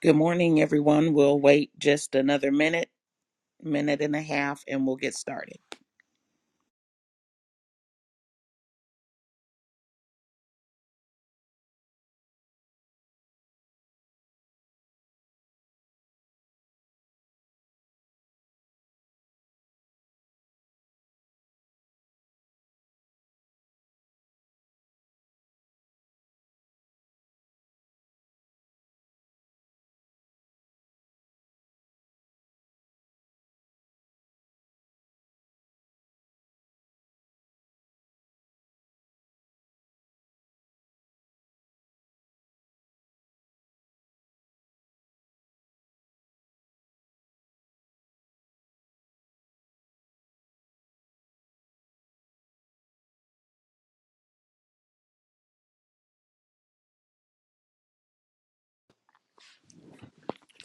Good morning, everyone. We'll wait just another minute, minute and a half, and we'll get started.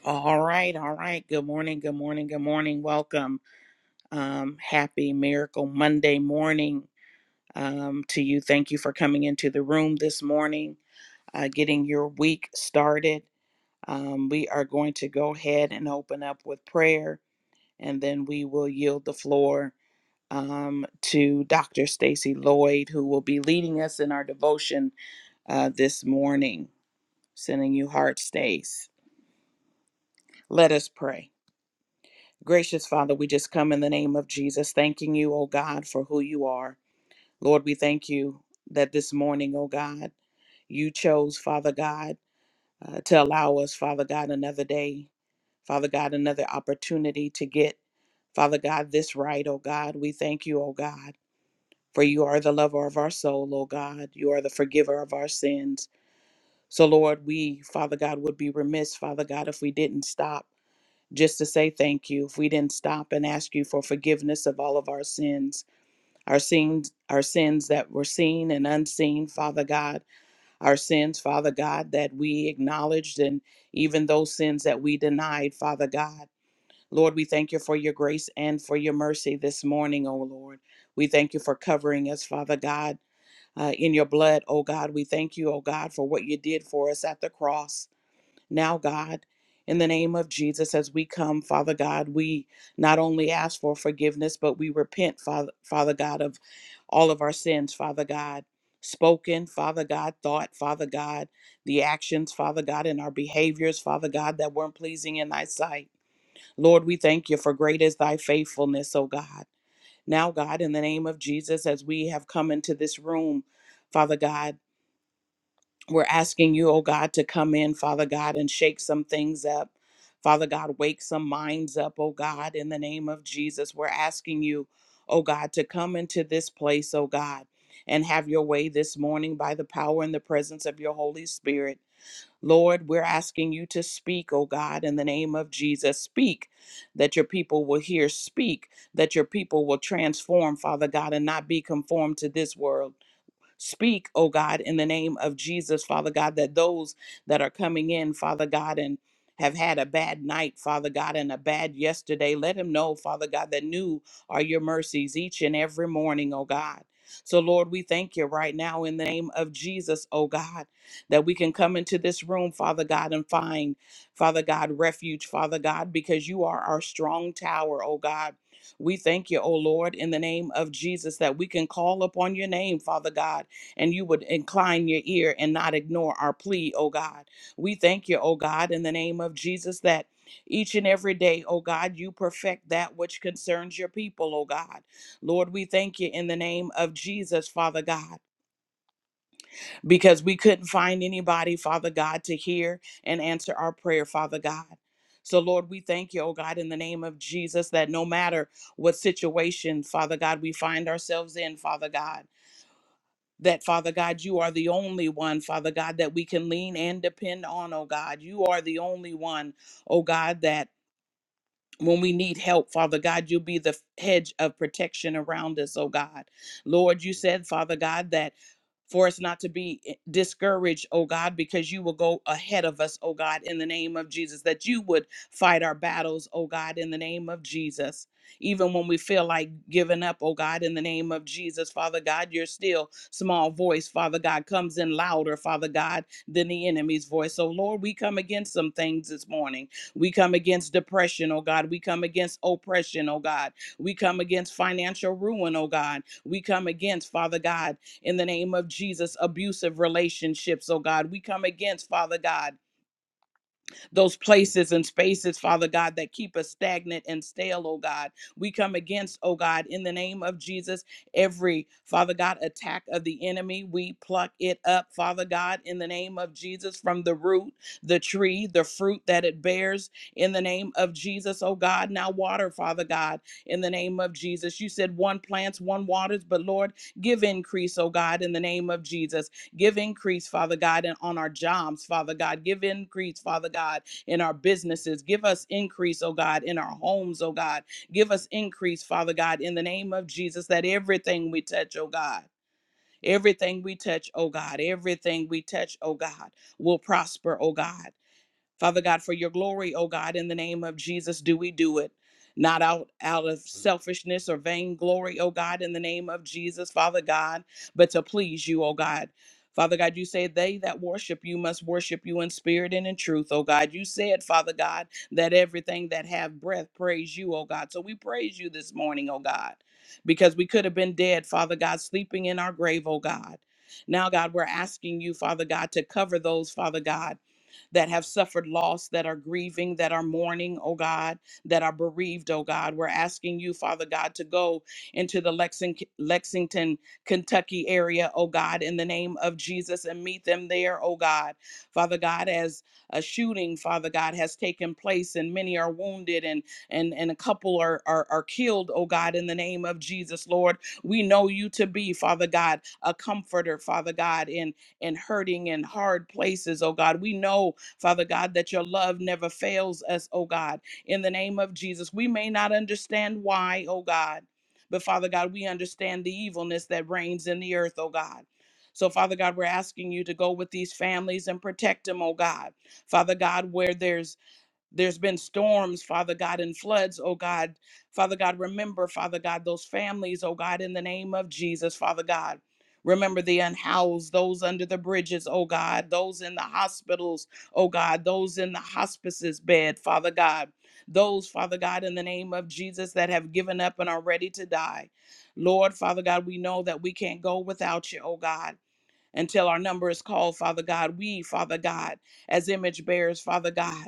All right, all right. Good morning, good morning, good morning. Welcome. Um, happy Miracle Monday morning um, to you. Thank you for coming into the room this morning, uh, getting your week started. Um, we are going to go ahead and open up with prayer, and then we will yield the floor um, to Dr. Stacy Lloyd, who will be leading us in our devotion uh, this morning. sending you hard stays. Let us pray. Gracious Father, we just come in the name of Jesus, thanking you, O God, for who you are. Lord, we thank you that this morning, O God, you chose, Father God, uh, to allow us, Father God, another day, Father God, another opportunity to get, Father God, this right, O God. We thank you, O God, for you are the lover of our soul, O God. You are the forgiver of our sins. So, Lord, we, Father God, would be remiss, Father God, if we didn't stop. just to say thank you if we didn't stop and ask you for forgiveness of all of our sins our sins our sins that were seen and unseen father god our sins father god that we acknowledged and even those sins that we denied father god lord we thank you for your grace and for your mercy this morning o lord we thank you for covering us father god uh, in your blood, O God. We thank you, O God, for what you did for us at the cross. Now, God, in the name of Jesus, as we come, Father God, we not only ask for forgiveness, but we repent, Father, Father God, of all of our sins, Father God. Spoken, Father God, thought, Father God, the actions, Father God, and our behaviors, Father God, that weren't pleasing in thy sight. Lord, we thank you for great is thy faithfulness, O God. Now, God, in the name of Jesus, as we have come into this room, Father God. We're asking you, oh God, to come in, Father God, and shake some things up. Father God, wake some minds up, oh God, in the name of Jesus. We're asking you, oh God, to come into this place, oh God, and have your way this morning by the power and the presence of your Holy Spirit. Lord, we're asking you to speak, oh God, in the name of Jesus. Speak that your people will hear. Speak that your people will transform, Father God, and not be conformed to this world speak, oh God, in the name of Jesus, Father God, that those that are coming in, Father God, and have had a bad night, Father God, and a bad yesterday. Let him know, Father God, that new are your mercies each and every morning, oh God. So, Lord, we thank you right now in the name of Jesus, oh God, that we can come into this room, Father God, and find, Father God, refuge, Father God, because you are our strong tower, oh God. We thank you, oh Lord, in the name of Jesus, that we can call upon your name, Father God, and you would incline your ear and not ignore our plea, oh God. We thank you, oh God, in the name of Jesus, that each and every day, oh God, you perfect that which concerns your people, oh God. Lord, we thank you in the name of Jesus, Father God, because we couldn't find anybody, Father God, to hear and answer our prayer, Father God. So, Lord, we thank you, oh God, in the name of Jesus, that no matter what situation, Father God, we find ourselves in, Father God that Father God, you are the only one, Father God, that we can lean and depend on, oh God. You are the only one, oh God, that when we need help, Father God, you'll be the hedge of protection around us, oh God. Lord, you said, Father God, that for us not to be eh, discouraged, oh God, because you will go ahead of us, oh God, in the name of Jesus, that you would fight our battles, oh God, in the name of Jesus. Even when we feel like giving up, oh God, in the name of Jesus, Father God, your still small voice, Father God, comes in louder, Father God, than the enemy's voice. So, Lord, we come against some things this morning. We come against depression, oh God. We come against oppression, oh God. We come against financial ruin, oh God. We come against, Father God, in the name of Jesus, abusive relationships, oh God. We come against, Father God, those places and spaces, Father God, that keep us stagnant and stale, oh God. We come against, oh God, in the name of Jesus, every, Father God, attack of the enemy. We pluck it up, Father God, in the name of Jesus, from the root, the tree, the fruit that it bears, in the name of Jesus, oh God. Now, water, Father God, in the name of Jesus. You said one plants, one waters, but Lord, give increase, oh God, in the name of Jesus. Give increase, Father God, and on our jobs, Father God. Give increase, Father God in our businesses. Give us increase, oh God, in our homes, oh God. Give us increase, Father God, in the name of Jesus, that everything we touch, oh God. Everything we touch, oh God, everything we touch, oh God, will prosper, oh God. Father God, for your glory, oh God, in the name of Jesus, do we do it? Not out, out of selfishness or vainglory, oh God, in the name of Jesus, Father God, but to please you, oh God. Father God, you say they that worship you must worship you in spirit and in truth, oh God. You said, Father God, that everything that have breath praise you, oh God. So we praise you this morning, oh God, because we could have been dead, Father God, sleeping in our grave, oh God. Now, God, we're asking you, Father God, to cover those, Father God that have suffered loss, that are grieving, that are mourning, oh God, that are bereaved, oh God. We're asking you, Father God, to go into the Lexing- Lexington, Kentucky area, oh God, in the name of Jesus and meet them there, oh God. Father God, as a shooting, Father God, has taken place and many are wounded and and, and a couple are, are are killed, oh God, in the name of Jesus, Lord. We know you to be, Father God, a comforter, Father God, in in hurting and hard places, oh God. We know Father God, that your love never fails us, oh God. In the name of Jesus, we may not understand why, oh God, but Father God, we understand the evilness that reigns in the earth, oh God. So, Father God, we're asking you to go with these families and protect them, oh God. Father God, where there's there's been storms, Father God, and floods, oh God. Father God, remember, Father God, those families, oh God, in the name of Jesus, Father God. Remember the unhoused, those under the bridges, oh God, those in the hospitals, oh God, those in the hospices bed, Father God. Those, Father God, in the name of Jesus, that have given up and are ready to die. Lord, Father God, we know that we can't go without you, oh God, until our number is called, Father God. We, Father God, as image bearers, Father God.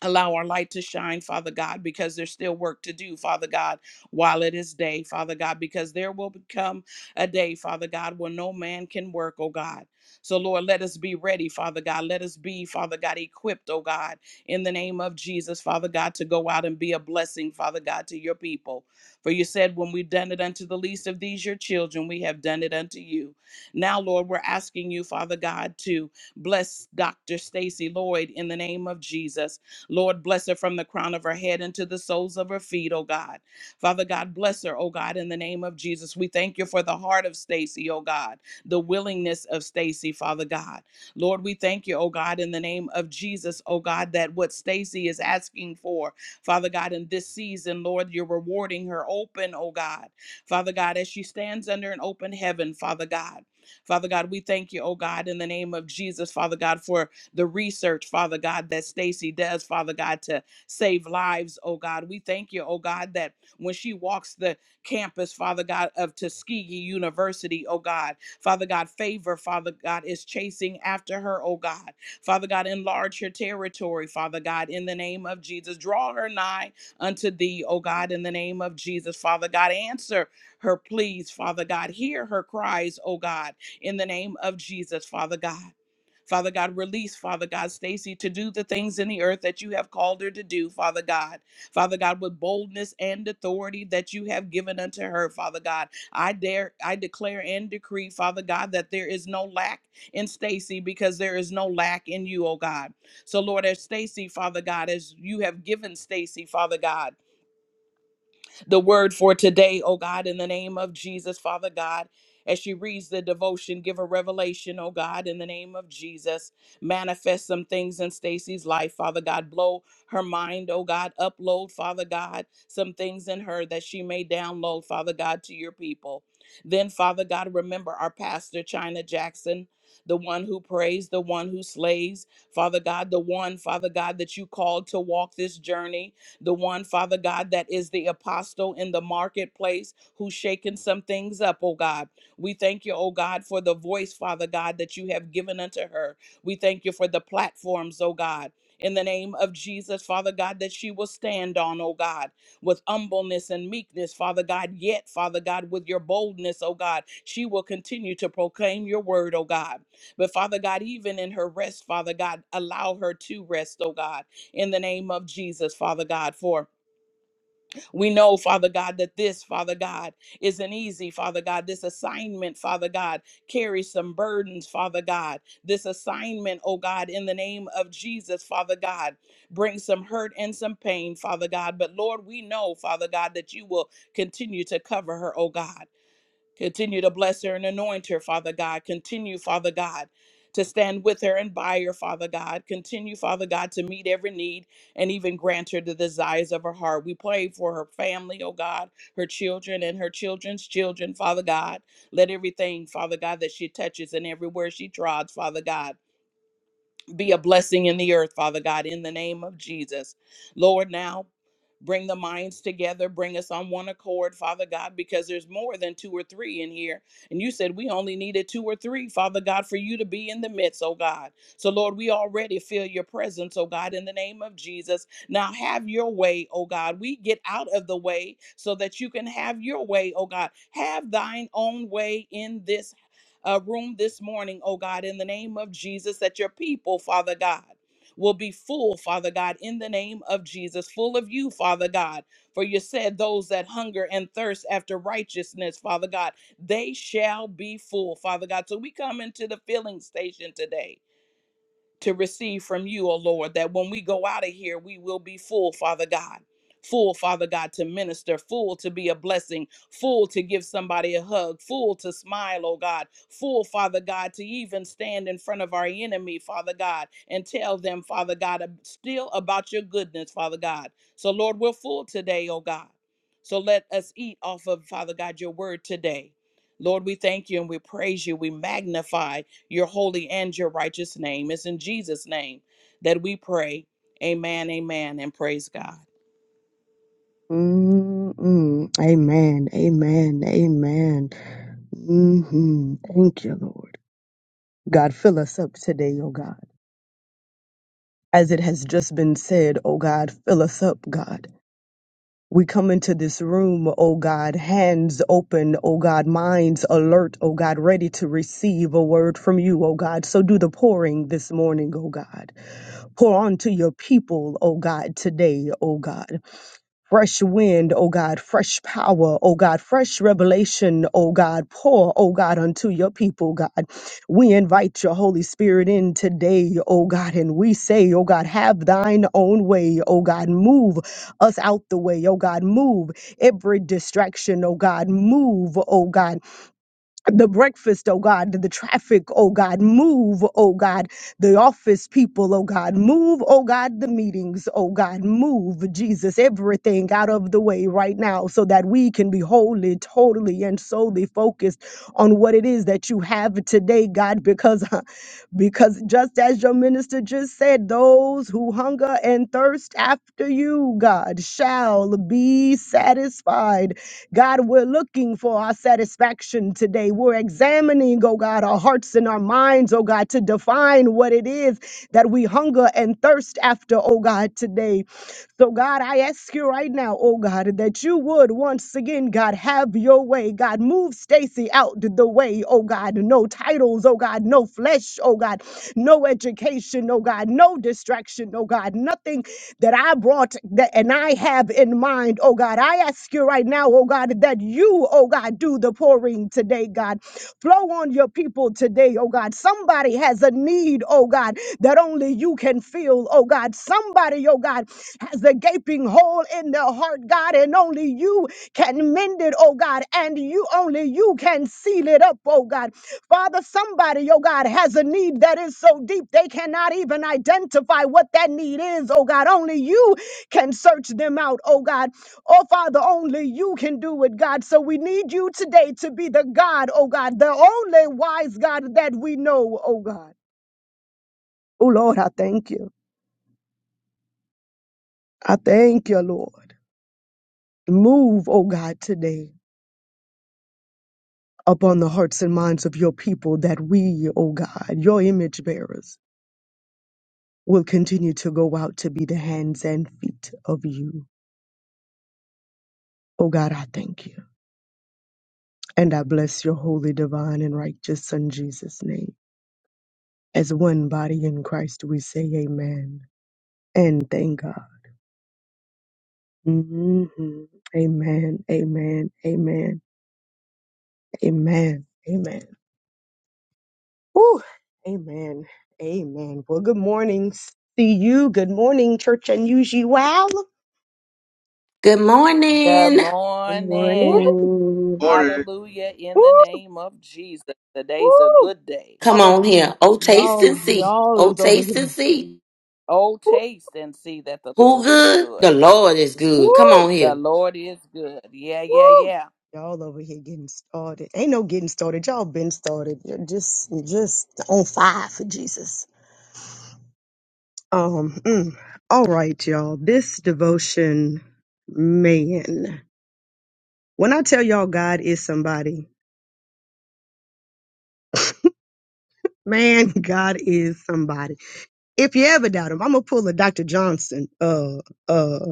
Allow our light to shine, Father God, because there's still work to do, Father God, while it is day, Father God, because there will become a day, Father God, where no man can work, oh God. So, Lord, let us be ready, Father God. Let us be, Father God, equipped, oh God, in the name of Jesus, Father God, to go out and be a blessing, Father God, to your people. For you said, when we've done it unto the least of these, your children, we have done it unto you. Now, Lord, we're asking you, Father God, to bless Dr. Stacy Lloyd in the name of Jesus. Lord, bless her from the crown of her head into the soles of her feet, oh God. Father God, bless her, oh God, in the name of Jesus. We thank you for the heart of Stacy, oh God, the willingness of Stacy, Father God. Lord, we thank you, oh God, in the name of Jesus, oh God, that what Stacy is asking for, Father God, in this season, Lord, you're rewarding her open, oh God. Father God, as she stands under an open heaven, Father God. Father God, we thank you, oh God, in the name of Jesus, Father God, for the research, Father God, that Stacy does, Father God, to save lives, oh God. We thank you, oh God, that when she walks the campus, Father God, of Tuskegee University, oh God, Father God, favor, Father God, is chasing after her, oh God. Father God, enlarge her territory, Father God, in the name of Jesus. Draw her nigh unto thee, oh God, in the name of Jesus, Father God. Answer her pleas, Father God. Hear her cries, oh God, in the name of Jesus, Father God. Father God, release, Father God, Stacy to do the things in the earth that you have called her to do, Father God. Father God, with boldness and authority that you have given unto her, Father God. I dare, I declare and decree, Father God, that there is no lack in Stacy because there is no lack in you, oh God. So, Lord, as Stacy, Father God, as you have given Stacy, Father God the word for today, oh God, in the name of Jesus, Father God. As she reads the devotion, give a revelation, oh God, in the name of Jesus. Manifest some things in Stacy's life, Father God. Blow her mind, oh God. Upload, Father God, some things in her that she may download, Father God, to your people. Then, Father God, remember our pastor, China Jackson, the one who prays, the one who slays, Father God, the one, Father God, that you called to walk this journey the one, Father God, that is the apostle in the marketplace who's shaking some things up, oh God. We thank you, oh God, for the voice, Father God, that you have given unto her. We thank you for the platforms, oh God. In the name of Jesus, Father God, that she will stand on, oh God, with humbleness and meekness, Father God, yet, Father God, with your boldness, oh God, she will continue to proclaim your word, oh God. But Father God, even in her rest, Father God, allow her to rest, oh God in the name of Jesus, Father God. For we know, Father God, that this, Father God, isn't easy, Father God. This assignment, Father God, carries some burdens, Father God. This assignment, oh God, in the name of Jesus, Father God, brings some hurt and some pain, Father God. But Lord, we know, Father God, that you will continue to cover her, oh God. Continue to bless her and anoint her, Father God. Continue, Father God, to stand with her and by her, Father God. Continue, Father God, to meet every need and even grant her the desires of her heart. We pray for her family, oh God, her children and her children's children, Father God. Let everything, Father God, that she touches and everywhere she trods, Father God be a blessing in the earth, Father God, in the name of Jesus. Lord, now bring the minds together, bring us on one accord, Father God, because there's more than two or three in here. And you said we only needed two or three, Father God, for you to be in the midst, oh God. So, Lord, we already feel your presence, oh God, in the name of Jesus. Now have your way, oh God. We get out of the way so that you can have your way, oh God. Have thine own way in this uh, room this morning, oh God, in the name of Jesus, that your people, Father God, will be full, Father God, in the name of Jesus, full of you, Father God. For you said, Those that hunger and thirst after righteousness, Father God, they shall be full, Father God. So we come into the filling station today to receive from you, O Lord, that when we go out of here, we will be full, Father God. Full, Father God, to minister, full to be a blessing, full to give somebody a hug, full to smile, oh God, full, Father God, to even stand in front of our enemy, Father God, and tell them, Father God, ab- still about your goodness, Father God. So, Lord, we're full today, oh God. So let us eat off of, Father God, your word today. Lord, we thank you and we praise you. We magnify your holy and your righteous name. It's in Jesus' name that we pray. Amen, amen, and praise God. Mm-mm. Amen. Amen. Amen. hmm Thank you, Lord. God, fill us up today, O God. As it has just been said, O God, fill us up, God. We come into this room, O God, hands open, O God, minds alert, O God, ready to receive a word from you, O God. So do the pouring this morning, O God. Pour onto your people, O God, today, O God. Fresh wind, O God, fresh power, O God, fresh revelation, O God, pour, O God, unto your people, God. We invite your Holy Spirit in today, O God, and we say, O God, have thine own way, O God, move us out the way, O God, move every distraction, O God, move, O God the breakfast, oh God, the traffic, oh God, move, oh God, the office people, oh God, move, oh God, the meetings, oh God, move, Jesus, everything out of the way right now so that we can be wholly, totally, and solely focused on what it is that you have today, God, because Because just as your minister just said, those who hunger and thirst after you, God, shall be satisfied. God, we're looking for our satisfaction today. We're examining, oh God, our hearts and our minds, oh God, to define what it is that we hunger and thirst after, oh God, today. So, God, I ask you right now now, oh God, that you would once again, God, have your way. God, move Stacy out the way, oh God. No titles, oh God, no flesh, oh God, no education, oh God, no distraction, oh God, nothing that I brought that and I have in mind, oh God. I ask you right now, oh God, that you, oh God, do the pouring today, God. Flow on your people people today, oh God. Somebody has a need, oh God, that only you can fill, oh God. Somebody, oh God, has a gaping hole in their heart, God, and only you can mend it, oh God, and you only you can seal it up, oh God. Father, somebody, oh God, has a need that is so deep they cannot even identify what that need is, oh God. Only you can search them out, oh God. Oh, Father, only you can do it, God. So we need you today to be the God, oh God, the only wise God that we know, oh God. Oh, Lord, I thank you. I thank you, Lord. Move, oh God, today upon the hearts and minds of your people that we, oh God, your image bearers, will continue to go out to be the hands and feet of you. Oh God, I thank you. And I bless your holy, divine, and righteous Son, Jesus' name. As one body in Christ, we say, Amen. and thank God. hmm Amen. Amen. Amen. Amen. Amen. Woo. Amen. Amen. Well, good morning. See you. Good morning, Church Unusual. Good Good morning. Good Woo, morning. morning. Morning. Hallelujah in the woo, name of Jesus. Today's a woo. good day. Come All over on here. here. Oh, taste Y'all, and see. y'all Oh, is over here. taste and see. Oh, Woo, taste and see that the Who Lord is good? good. The Lord is good. Come woo, on The here. Lord is good. Yeah, yeah, woo. yeah. Y'all over here getting started. Ain't no getting started. Y'all been started. You're just, just on fire for Jesus. Um, mm, all right, y'all. This devotion, man. When I tell y'all God is somebody, man, God is somebody. If you ever doubt him, I'm gonna pull a Dr. Johnson. Uh, uh,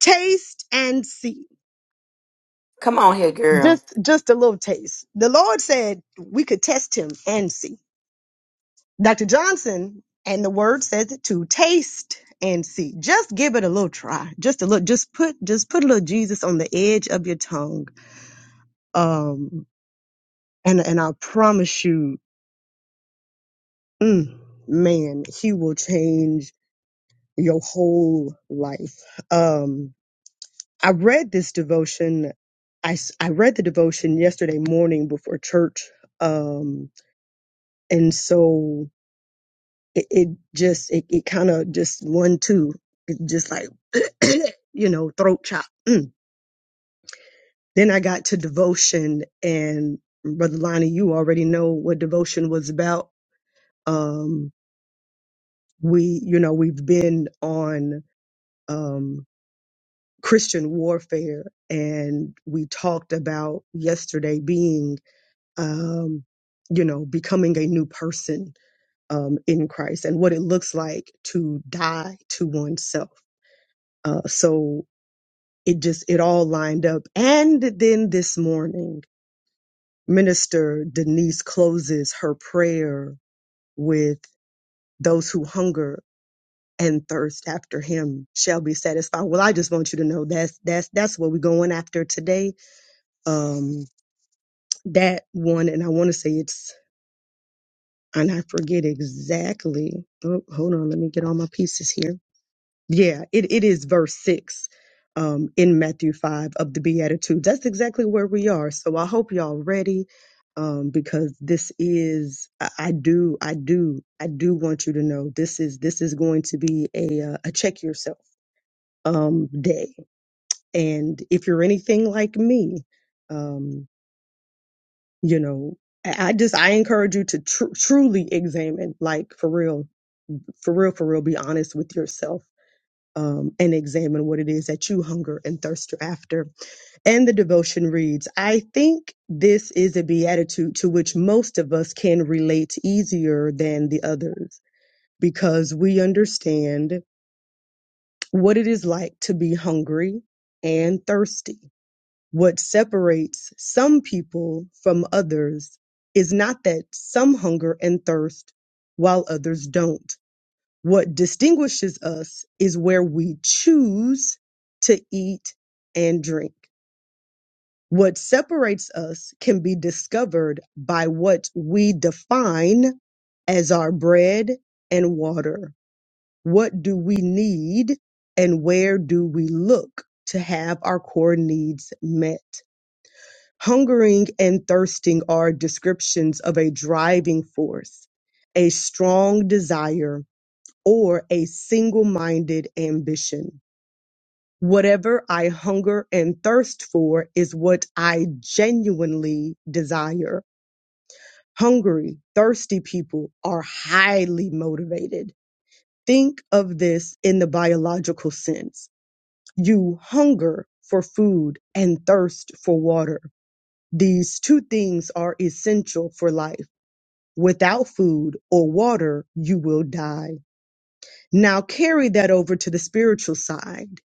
taste and see. Come on here, girl. Just, just a little taste. The Lord said we could test him and see. Dr. Johnson, and the word says it too. Taste and see. Just give it a little try. Just a little. Just put, just put a little Jesus on the edge of your tongue. Um And and I promise you, mm, man, he will change your whole life. Um, I read this devotion. I, s- I read the devotion yesterday morning before church. Um, and so it, it just, it, it kind of just one, two, it just like, you know, throat chop. Mm. Then I got to devotion and Brother Lonnie, you already know what devotion was about. Um, we you know we've been on um christian warfare and we talked about yesterday being um you know becoming a new person um in christ and what it looks like to die to oneself uh so it just it all lined up and then this morning minister denise closes her prayer with those who hunger and thirst after him shall be satisfied. Well, I just want you to know that's that's that's what we're going after today. Um that one and I want to say it's and I forget exactly. Oh, hold on, let me get all my pieces here. Yeah, it, it is verse six um in Matthew five of the Beatitudes. That's exactly where we are. So I hope y'all ready. Um, because this is, I, I do, I do, I do want you to know this is, this is going to be a, uh, a check yourself um, day. And if you're anything like me, um, you know, I I just I encourage you to tr- truly examine, like for real, for real, for real, be honest with yourself. Um, and examine what it is that you hunger and thirst after. And the devotion reads I think this is a beatitude to which most of us can relate easier than the others because we understand what it is like to be hungry and thirsty What separates some people from others is not that some hunger and thirst while others don't. What distinguishes us is where we choose to eat and drink. What separates us can be discovered by what we define as our bread and water. What do we need and where do we look to have our core needs met? Hungering and thirsting are descriptions of a driving force, a strong desire, or a single minded ambition. Whatever I hunger and thirst for is what I genuinely desire. Hungry, thirsty people are highly motivated. Think of this in the biological sense. You hunger for food and thirst for water. These two things are essential for life. Without food or water, you will die. Now carry that over to the spiritual side.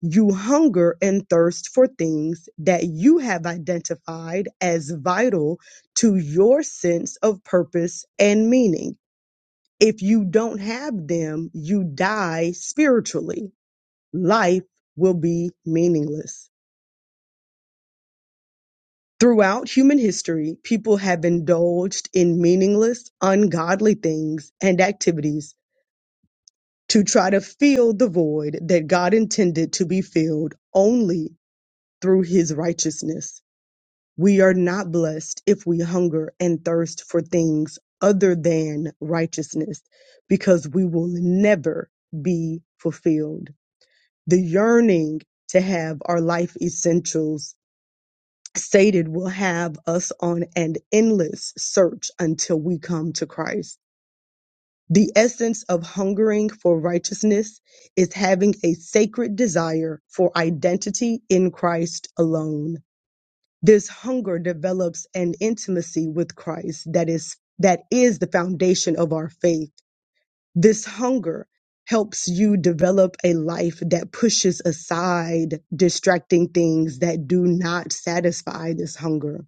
You hunger and thirst for things that you have identified as vital to your sense of purpose and meaning. If you don't have them, you die spiritually. Life will be meaningless. Throughout human history, people have indulged in meaningless, ungodly things and activities to try to fill the void that God intended to be filled only through his righteousness. We are not blessed if we hunger and thirst for things other than righteousness because we will never be fulfilled. The yearning to have our life essentials Sated will have us on an endless search until we come to Christ. The essence of hungering for righteousness is having a sacred desire for identity in Christ alone. This hunger develops an intimacy with Christ that is that is the foundation of our faith. This hunger helps you develop a life that pushes aside distracting things that do not satisfy this hunger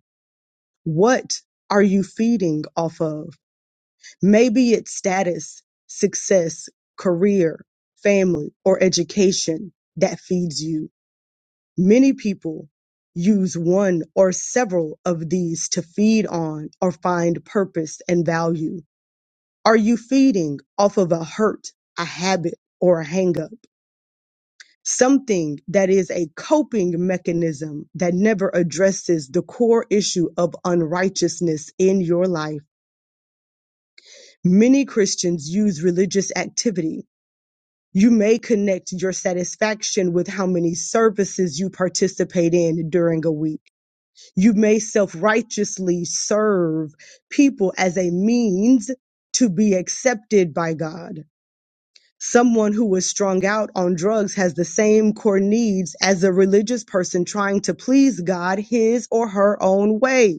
what are you feeding off of? Maybe it's status, success, career, family, or education that feeds you. Many people use one or several of these to feed on or find purpose and value. Are you feeding off of a hurt, a habit, or a hangup? Something that is a coping mechanism that never addresses the core issue of unrighteousness in your life Many Christians use religious activity. You may connect your satisfaction with how many services you participate in during a week. You may self righteously serve people as a means to be accepted by God. Someone who was strung out on drugs has the same core needs as a religious person trying to please God his or her own way.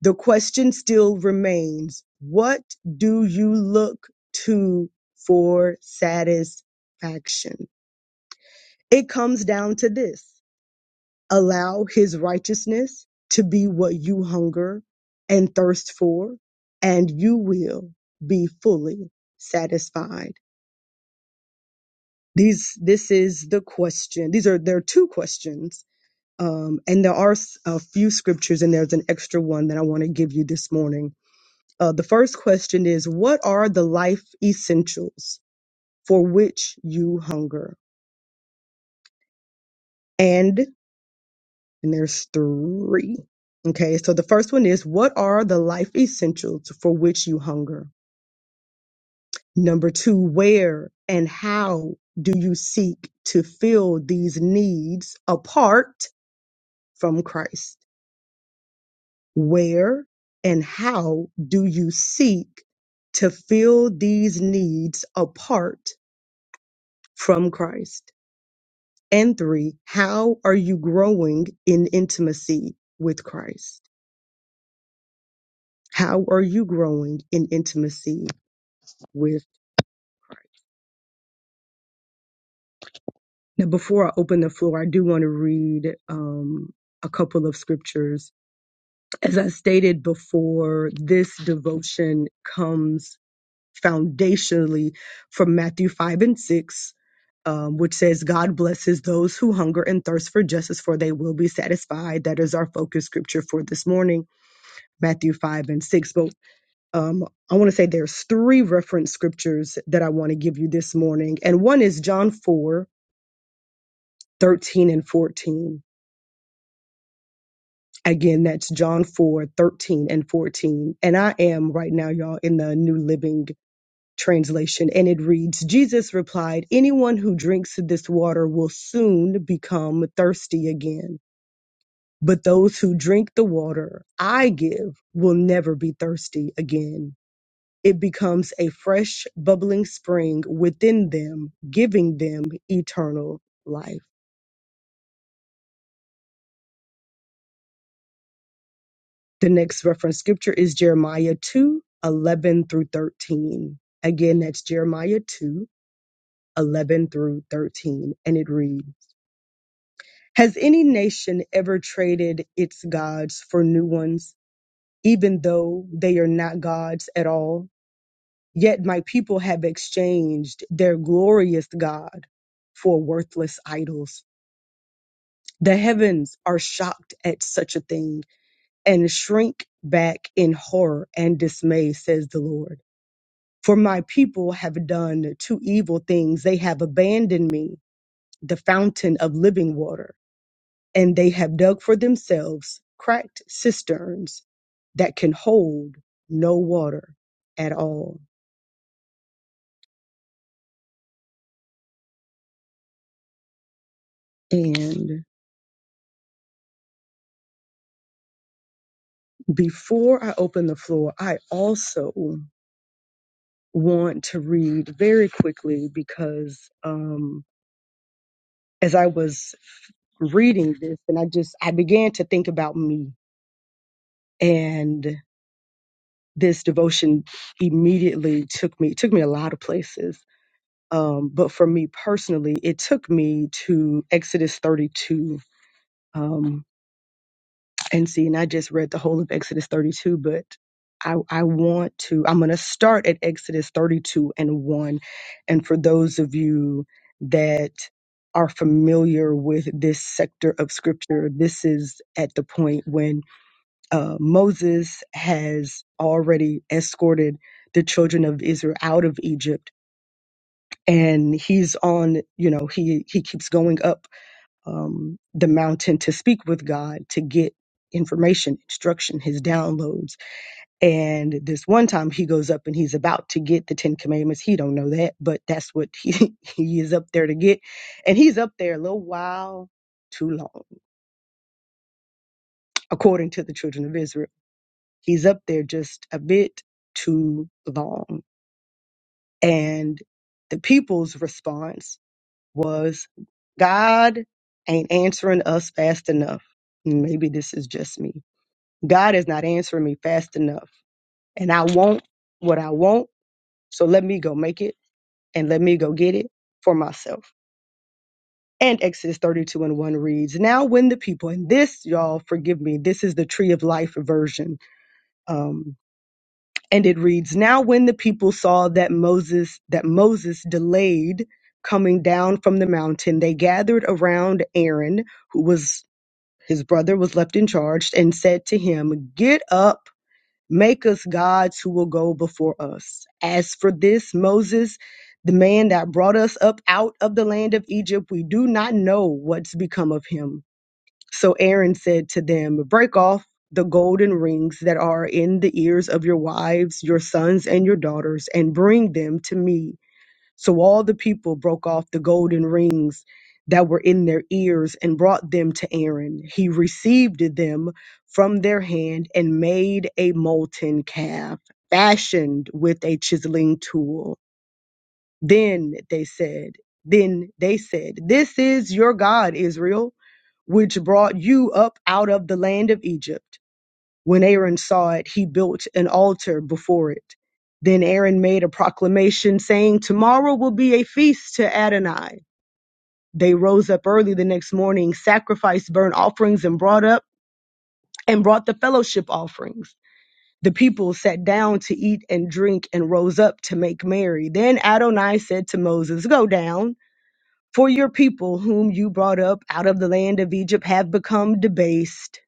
The question still remains what do you look to for satisfaction? It comes down to this allow his righteousness to be what you hunger and thirst for, and you will be fully satisfied. These, this is the question. These are, there are two questions. Um, and there are s- a few scriptures, and there's an extra one that I want to give you this morning Uh, the first question is What are the life essentials for which you hunger? And, and there's three. Okay, so the first one is What are the life essentials for which you hunger? Number two, where and how do you seek to fill these needs apart from Christ? Where and how do you seek to fill these needs apart from Christ? And three, how are you growing in intimacy with Christ? How are you growing in intimacy with? Now, before I open the floor, I do want to read um, a couple of scriptures. As I stated before, this devotion comes foundationally from Matthew 5 and 6, um, which says, God blesses those who hunger and thirst for justice, for they will be satisfied. That is our focus scripture for this morning. Matthew 5 and 6. But um, I want to say there's three reference scriptures that I want to give you this morning. And one is John 4:13 and 14. Again, that's John 4:13 and 14. And I am right now, y'all, in the New Living Translation. And it reads Jesus replied, Anyone who drinks this water will soon become thirsty again. But those who drink the water I give will never be thirsty again. it becomes a fresh, bubbling spring within them, giving them eternal life. The next reference scripture is Jeremiah 2 11 through 13. Again, that's Jeremiah 2 11 through 13. And it reads Has any nation ever traded its gods for new ones, even though they are not gods at all? Yet my people have exchanged their glorious God for worthless idols The heavens are shocked at such a thing and shrink back in horror and dismay, says the Lord. For my people have done two evil things. They have abandoned me, the fountain of living water, and they have dug for themselves cracked cisterns that can hold no water at all. And before I open the floor, I also want to read very quickly because um, as I was reading this and I just I began to think about me and this devotion immediately took me took me a lot of places um but for me personally it took me to Exodus 32 um, And see, and I just read the whole of Exodus 32, but I, I want to, I'm going to start at Exodus 32 and 1. And for those of you that are familiar with this sector of scripture, this is at the point when uh, Moses has already escorted the children of Israel out of Egypt. And he's on, you know, he, he keeps going up um, the mountain to speak with God to get information, instruction, his downloads. And this one time he goes up and he's about to get the Ten Commandments. He don't know that, but that's what he, he is up there to get. And he's up there a little while too long, according to the children of Israel. He's up there just a bit too long. And the people's response was, God ain't answering us fast enough. Maybe this is just me God is not answering me fast enough. And I want what I want. So let me go make it and let me go get it for myself. And Exodus 32 and 1 reads, Now when the people, and this, y'all, forgive me, this is the tree of life version. Um, and it reads, Now when the people saw that Moses, that Moses delayed coming down from the mountain, they gathered around Aaron, who was his brother was left in charge, and said to him, Get up Make us gods who will go before us. As for this Moses, the man that brought us up out of the land of Egypt, we do not know what's become of him. So Aaron said to them, Break off the golden rings that are in the ears of your wives, your sons, and your daughters, and bring them to me. So all the people broke off the golden rings that were in their ears and brought them to Aaron. He received them from their hand and made a molten calf, fashioned with a chiseling tool. Then they said, Then they said, This is your God, Israel, which brought you up out of the land of Egypt. When Aaron saw it, he built an altar before it. Then Aaron made a proclamation saying, Tomorrow will be a feast to Adonai. They rose up early the next morning, sacrificed burnt offerings and brought up and brought the fellowship offerings. The people sat down to eat and drink and rose up to make merry. Then Adonai said to Moses, Go down, for your people whom you brought up out of the land of Egypt have become debased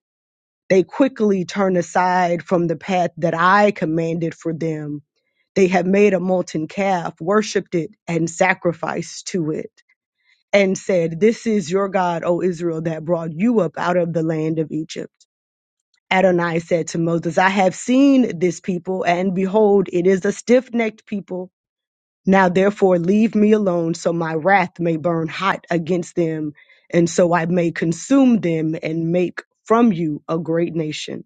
they quickly turn aside from the path that I commanded for them. They have made a molten calf, worshipped it, and sacrificed to it, and said, This is your God, O Israel, that brought you up out of the land of Egypt. Adonai said to Moses, I have seen this people, and behold, it is a stiff necked people. Now therefore leave me alone, so my wrath may burn hot against them, and so I may consume them and make from you a great nation.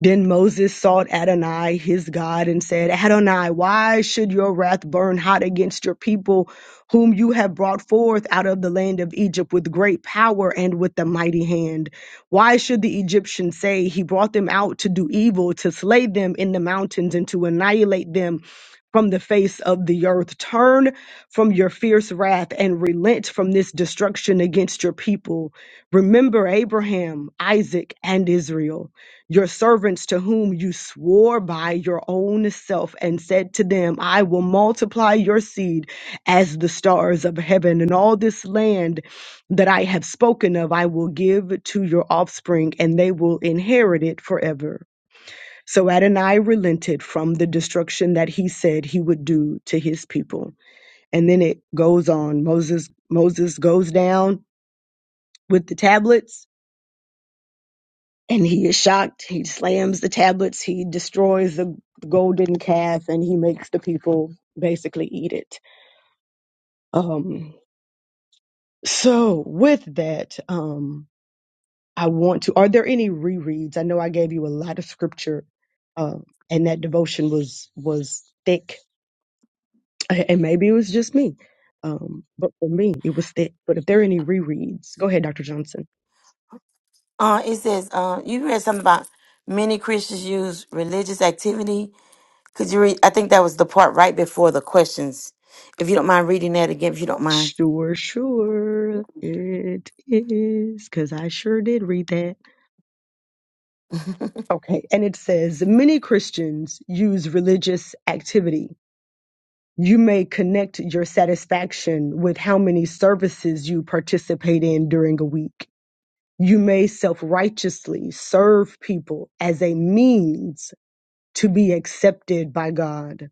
Then Moses sought Adonai, his God, and said, Adonai, why should your wrath burn hot against your people, whom you have brought forth out of the land of Egypt with great power and with a mighty hand? Why should the Egyptians say, He brought them out to do evil, to slay them in the mountains, and to annihilate them? From the face of the earth. Turn from your fierce wrath and relent from this destruction against your people. Remember Abraham, Isaac, and Israel your servants to whom you swore by your own self and said to them, I will multiply your seed as the stars of heaven, and all this land that I have spoken of, I will give to your offspring, and they will inherit it forever. So Adonai relented from the destruction that he said he would do to his people. And then it goes on. Moses Moses goes down with the tablets and he is shocked. He slams the tablets, he destroys the golden calf, and he makes the people basically eat it. Um, so, with that, um, I want to. Are there any rereads? I know I gave you a lot of scripture, um, and that devotion was was thick, and maybe it was just me, um, but for me, it was thick. But if there are any rereads, go ahead, Doctor Johnson. Uh, it says, uh, you read something about many Christians use religious activity. Could you read? I think that was the part right before the questions. If you don't mind reading that again, if you don't mind. Sure, sure, it is, because I sure did read that. Okay. And it says many Christians use religious activity. You may connect your satisfaction with how many services you participate in during a week. You may self righteously serve people as a means to be accepted by God.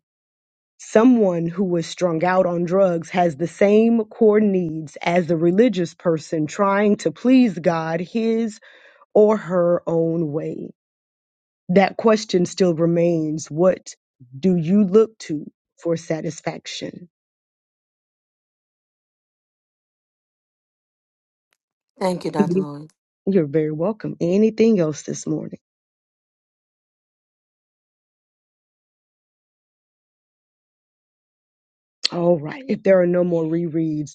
Someone who is strung out on drugs has the same core needs as the religious person trying to please God his or her own way. that question still remains what do you look to for satisfaction Thank you, Dr. Mhm. Lloyd. you're very welcome anything else this morning all right if there are no more rereads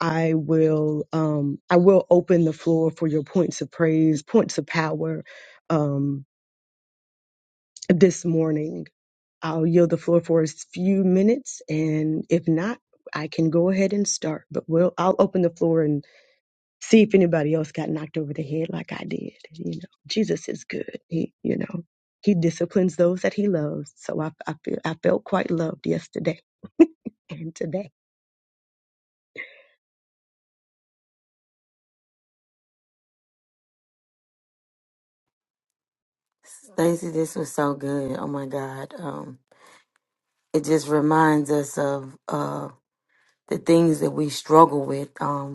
i will um i will open the floor for your points of praise points of power um this morning i'll yield the floor for a few minutes and if not i can go ahead and start but we'll i'll open the floor and. see if anybody else got knocked over the head like I did. You know, Jesus is good. He, you know, He disciplines those that He loves. So I, I feel, I felt quite loved yesterday and today. Stacey, this was so good. Oh my God. Um, it just reminds us of uh, the things that we struggle with. Um,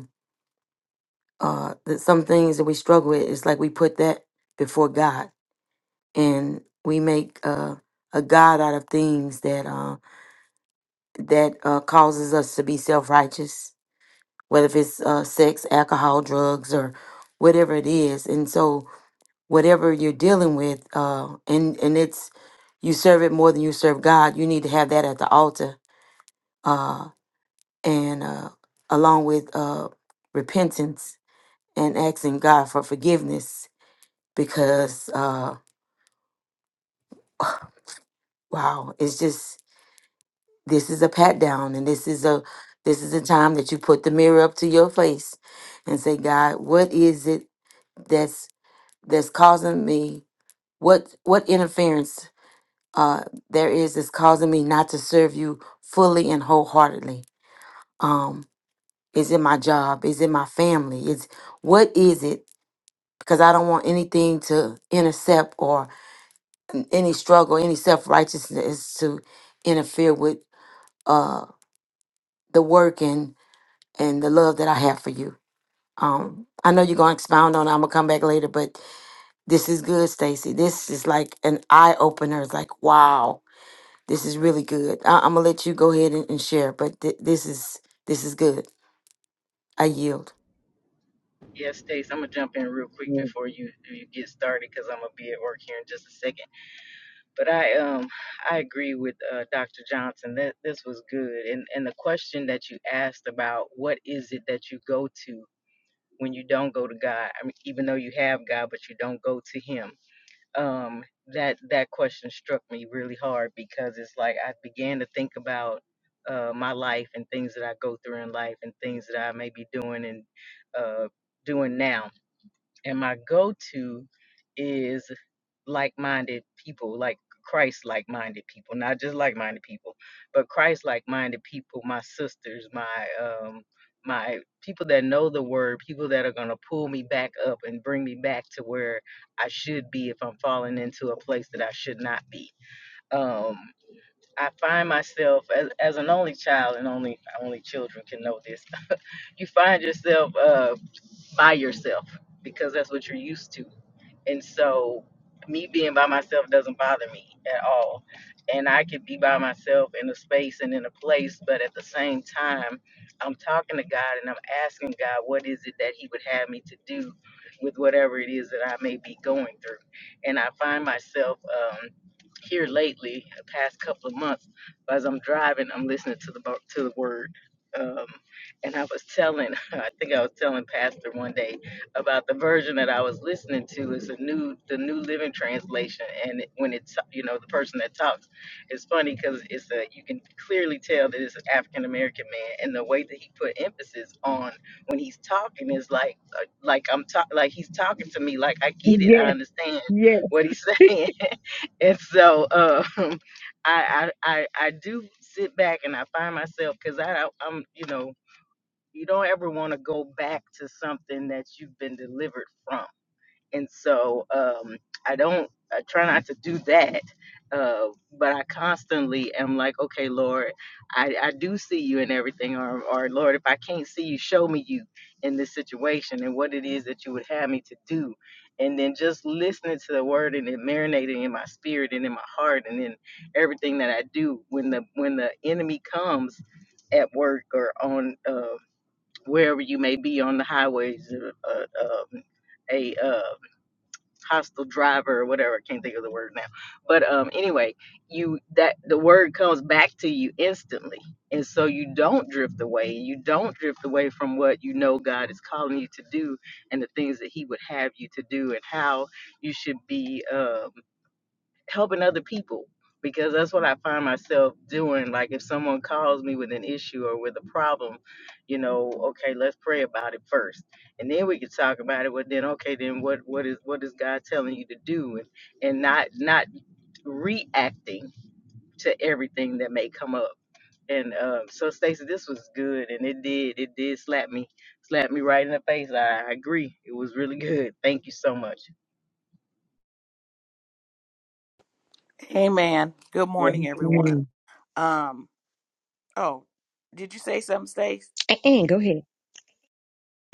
uh that some things that we struggle with it's like we put that before god and we make uh a god out of things that uh that uh causes us to be self-righteous whether if it's uh sex alcohol drugs or whatever it is and so whatever you're dealing with uh and and it's you serve it more than you serve god you need to have that at the altar uh and uh along with uh repentance and asking god for forgiveness because uh wow it's just this is a pat down and this is a this is a time that you put the mirror up to your face and say god what is it that's that's causing me what what interference uh there is that's causing me not to serve you fully and wholeheartedly um is it my job is it my family is what is it because i don't want anything to intercept or any struggle any self-righteousness to interfere with uh, the work and and the love that I have for you. Um, I know you're gonna expound on. it. I'm gonna come back later, but this is good, Stacy. This is like an eye opener. It's like, wow, this is really good. I- I'm gonna let you go ahead and, and share, but th- this is this is good. I yield. Yes, Stace, I'm gonna jump in real quick before you you get started because I'm gonna be at work here in just a second. But I um I agree with uh, Dr. Johnson that this was good, and and the question that you asked about what is it that you go to when you don't go to God? I mean, even though you have God, but you don't go to Him. Um, that that question struck me really hard because it's like I began to think about uh my life and things that I go through in life and things that I may be doing and uh doing now and my go-to is like-minded people like christ like-minded people not just like-minded people but christ like-minded people my sisters my um my people that know the word people that are going to pull me back up and bring me back to where i should be if i'm falling into a place that i should not be um i find myself as, as an only child and only only children can know this you find yourself uh by yourself because that's what you're used to and so me being by myself doesn't bother me at all. And I could be by myself in a space and in a place, but at the same time, I'm talking to God and I'm asking God what is it that He would have me to do with whatever it is that I may be going through. And I find myself um, here lately, the past couple of months, as I'm driving, I'm listening to the bo- to the Word. Um, and I was telling, I think I was telling Pastor one day about the version that I was listening to is a new the New Living Translation, and it- when it's you know the person that talks, it's funny because it's a you can clearly tell that it's an African American man, and the way that he put emphasis on when he's talking is like uh, like I'm talk like he's talking to me like I get it I Yes, understand yes. what he's saying, and so um, I, I I I do sit back and I find myself because I I- I'm you know you don't ever want to go back to something that you've been delivered from and so um, i don't i try not to do that uh, but i constantly am like okay lord i, I do see you in everything or, or lord if i can't see you show me you in this situation and what it is that you would have me to do and then just listening to the word and it marinating in my spirit and in my heart and in everything that i do when the when the enemy comes at work or on uh, wherever you may be on the highways, uh, uh, um, a uh, hostile driver or whatever. I can't think of the word now. But um, anyway, you that the word comes back to you instantly, and so you don't drift away. You don't drift away from what you know God is calling you to do, and the things that He would have you to do, and how you should be. Um, helping other people because that's what I find myself doing. Like if someone calls me with an issue or with a problem, you know, okay, let's pray about it first, and then we can talk about it. But then, okay, then what what is what is God telling you to do, and and not not reacting to everything that may come up. And um, so, Stacey, this was good, and it did it did slap me slap me right in the face. I, I agree, it was really good. Thank you so much. Amen. Good Yeah. morning, everyone. Mhm. Um, oh, did you say something, Stace? And go ahead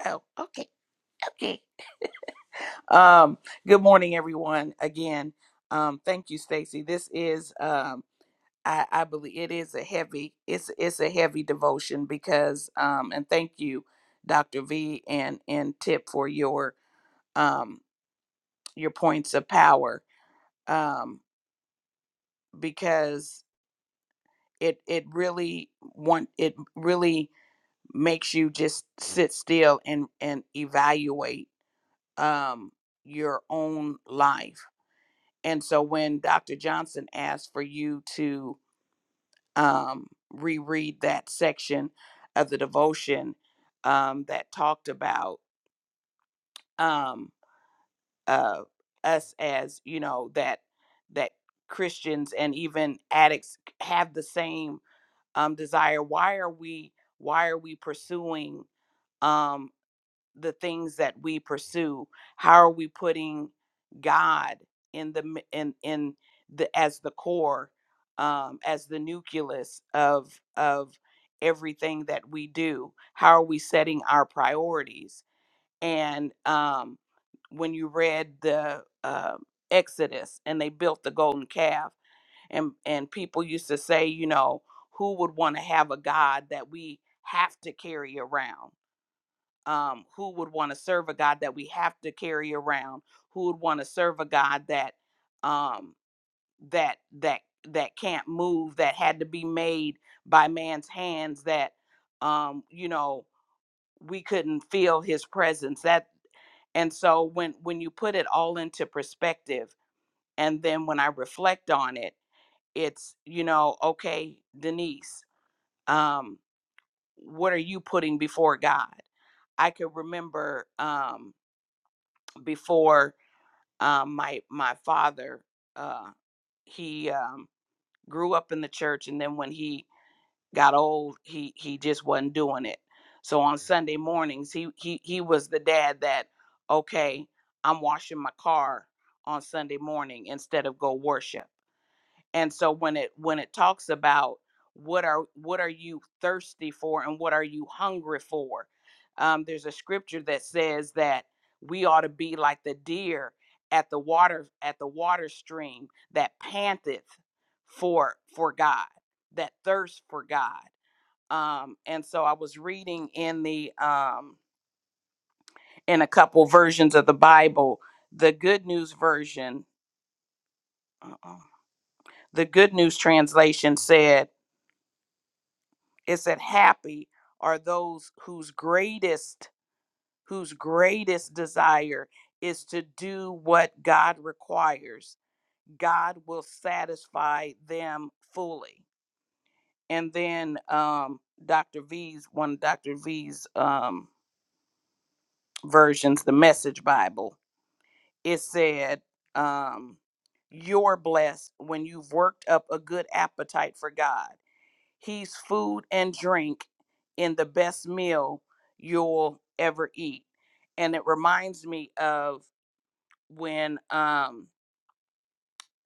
Oh, okay, okay. Um, good morning, everyone. Again, um, thank you, Stacy. This is, um, I, I believe, it is a heavy. It's it's a heavy devotion because, um, and thank you, Doctor V and and Tip for your um, your points of power um, because it it really want it really makes you just sit still and and evaluate um, your own life And so when Dr. Johnson asked for you to um, reread that section of the devotion um, that talked about um, uh, us as, you know, that that Christians and even addicts have the same um, desire. Why are we why are we pursuing? um, the things that we pursue how are we putting god in the mi- in in the as the core um as the nucleus of of everything that we do how are we setting our priorities and um when you read the uh, exodus and they built the golden calf and and people used to say you know who would want to have a god that we have to carry around um, who would want to serve a God that we have to carry around, who would want to serve a God that um, that that that can't move, that had to be made by man's hands, that um, you know we couldn't feel His presence. That and so when when you put it all into perspective, and then when I reflect on it, it's you know okay, Denise, um, what are you putting before God? I could remember um, before um, my my father uh, he um, grew up in the church and then when he got old he he just wasn't doing it so on sunday mornings he he he was the dad that okay i'm washing my car on sunday morning instead of go worship and so when it when it talks about what are what are you thirsty for and what are you hungry for um, there's a scripture that says that we ought to be like the deer at the water at the water stream that panteth for for god that thirsts for god um, and so i was reading in the um, in a couple versions of the bible the good news version uh-uh, the good news translation said it said happy are those whose greatest whose greatest desire is to do what god requires god will satisfy them fully and then um dr v's one of dr v's um versions the message bible it said um you're blessed when you've worked up a good appetite for god He's food and drink in the best meal you'll ever eat. And it reminds me of when um,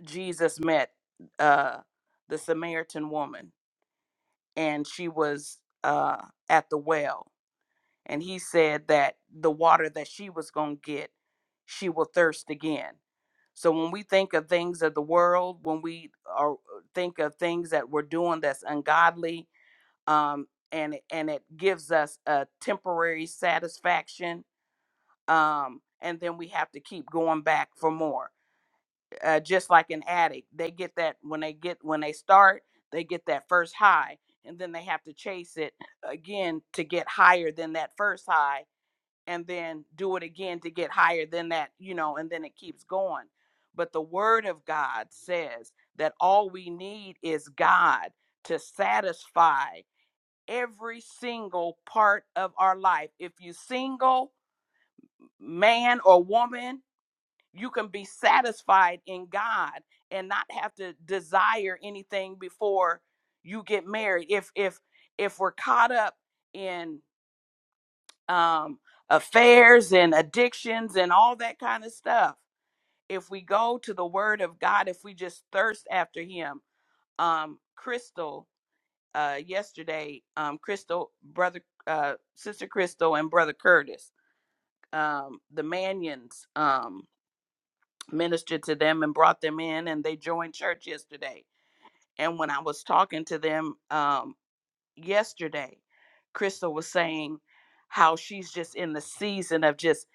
Jesus met uh, the Samaritan woman and she was uh, at the well. And he said that the water that she was going to get, she will thirst again. So when we think of things of the world, when we are, uh, think of things that we're doing that's ungodly, um, and it- and it gives us a temporary satisfaction, um, and then we have to keep going back for more. Uh, just like an addict, they get that when they get when they start, they get that first high, and then they have to chase it again to get higher than that first high, and then do it again to get higher than that, you know, and then it keeps going. But the Word of God says that all we need is God to satisfy every single part of our life. If you're single, man or woman, you can be satisfied in God and not have to desire anything before you get married. If if if we're caught up in um affairs and addictions and all that kind of stuff, if we go to the word of God, if we just thirst after him, um Crystal uh, yesterday, um, Crystal, brother, uh, sister Crystal, and brother Curtis, um, the Manions, um, ministered to them and brought them in, and they joined church yesterday. And when I was talking to them, um yesterday crystal was saying how she's just in the season of just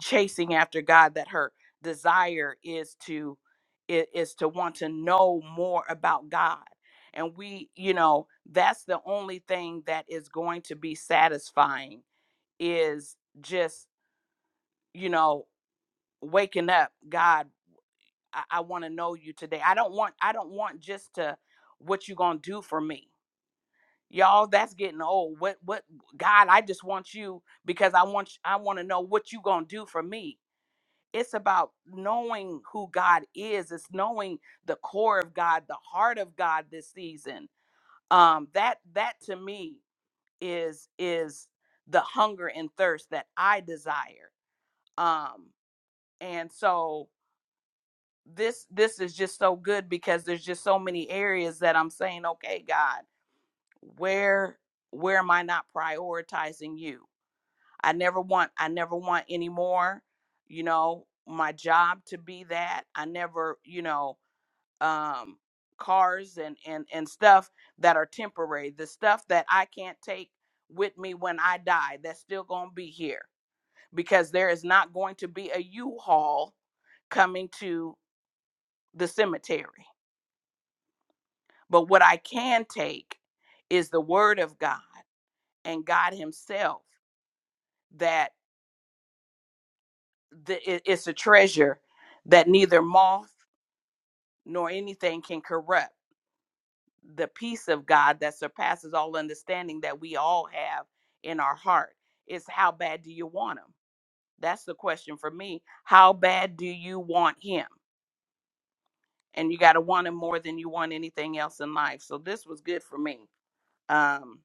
chasing after god that her desire is to i- is to want to know more about god and we you know that's the only thing that is going to be satisfying is just you know waking up god i, I want to know you today i don't want i don't want just to what you gonna do for me y'all that's getting old what what god i just want you because i want i want to know what you gonna do for me it's about knowing who god is it's knowing the core of god the heart of god this season um that that to me is is the hunger and thirst that i desire um and so this this is just so good because there's just so many areas that i'm saying okay god where where am i not prioritizing you I never want I never want any more, you know, my job to be that. I never, you know, um cars and and and stuff that are temporary, the stuff that I can't take with me when I die that's still going to be here because there is not going to be a U-Haul coming to the cemetery. But what I can take is the word of God and God himself That. the, it- it's a treasure that neither moth nor anything can corrupt the peace of god that surpasses all understanding that we all have in our heart is how bad do you want him that's the question for me how bad do you want him and you got to want him more than you want anything else in life so this was good for me um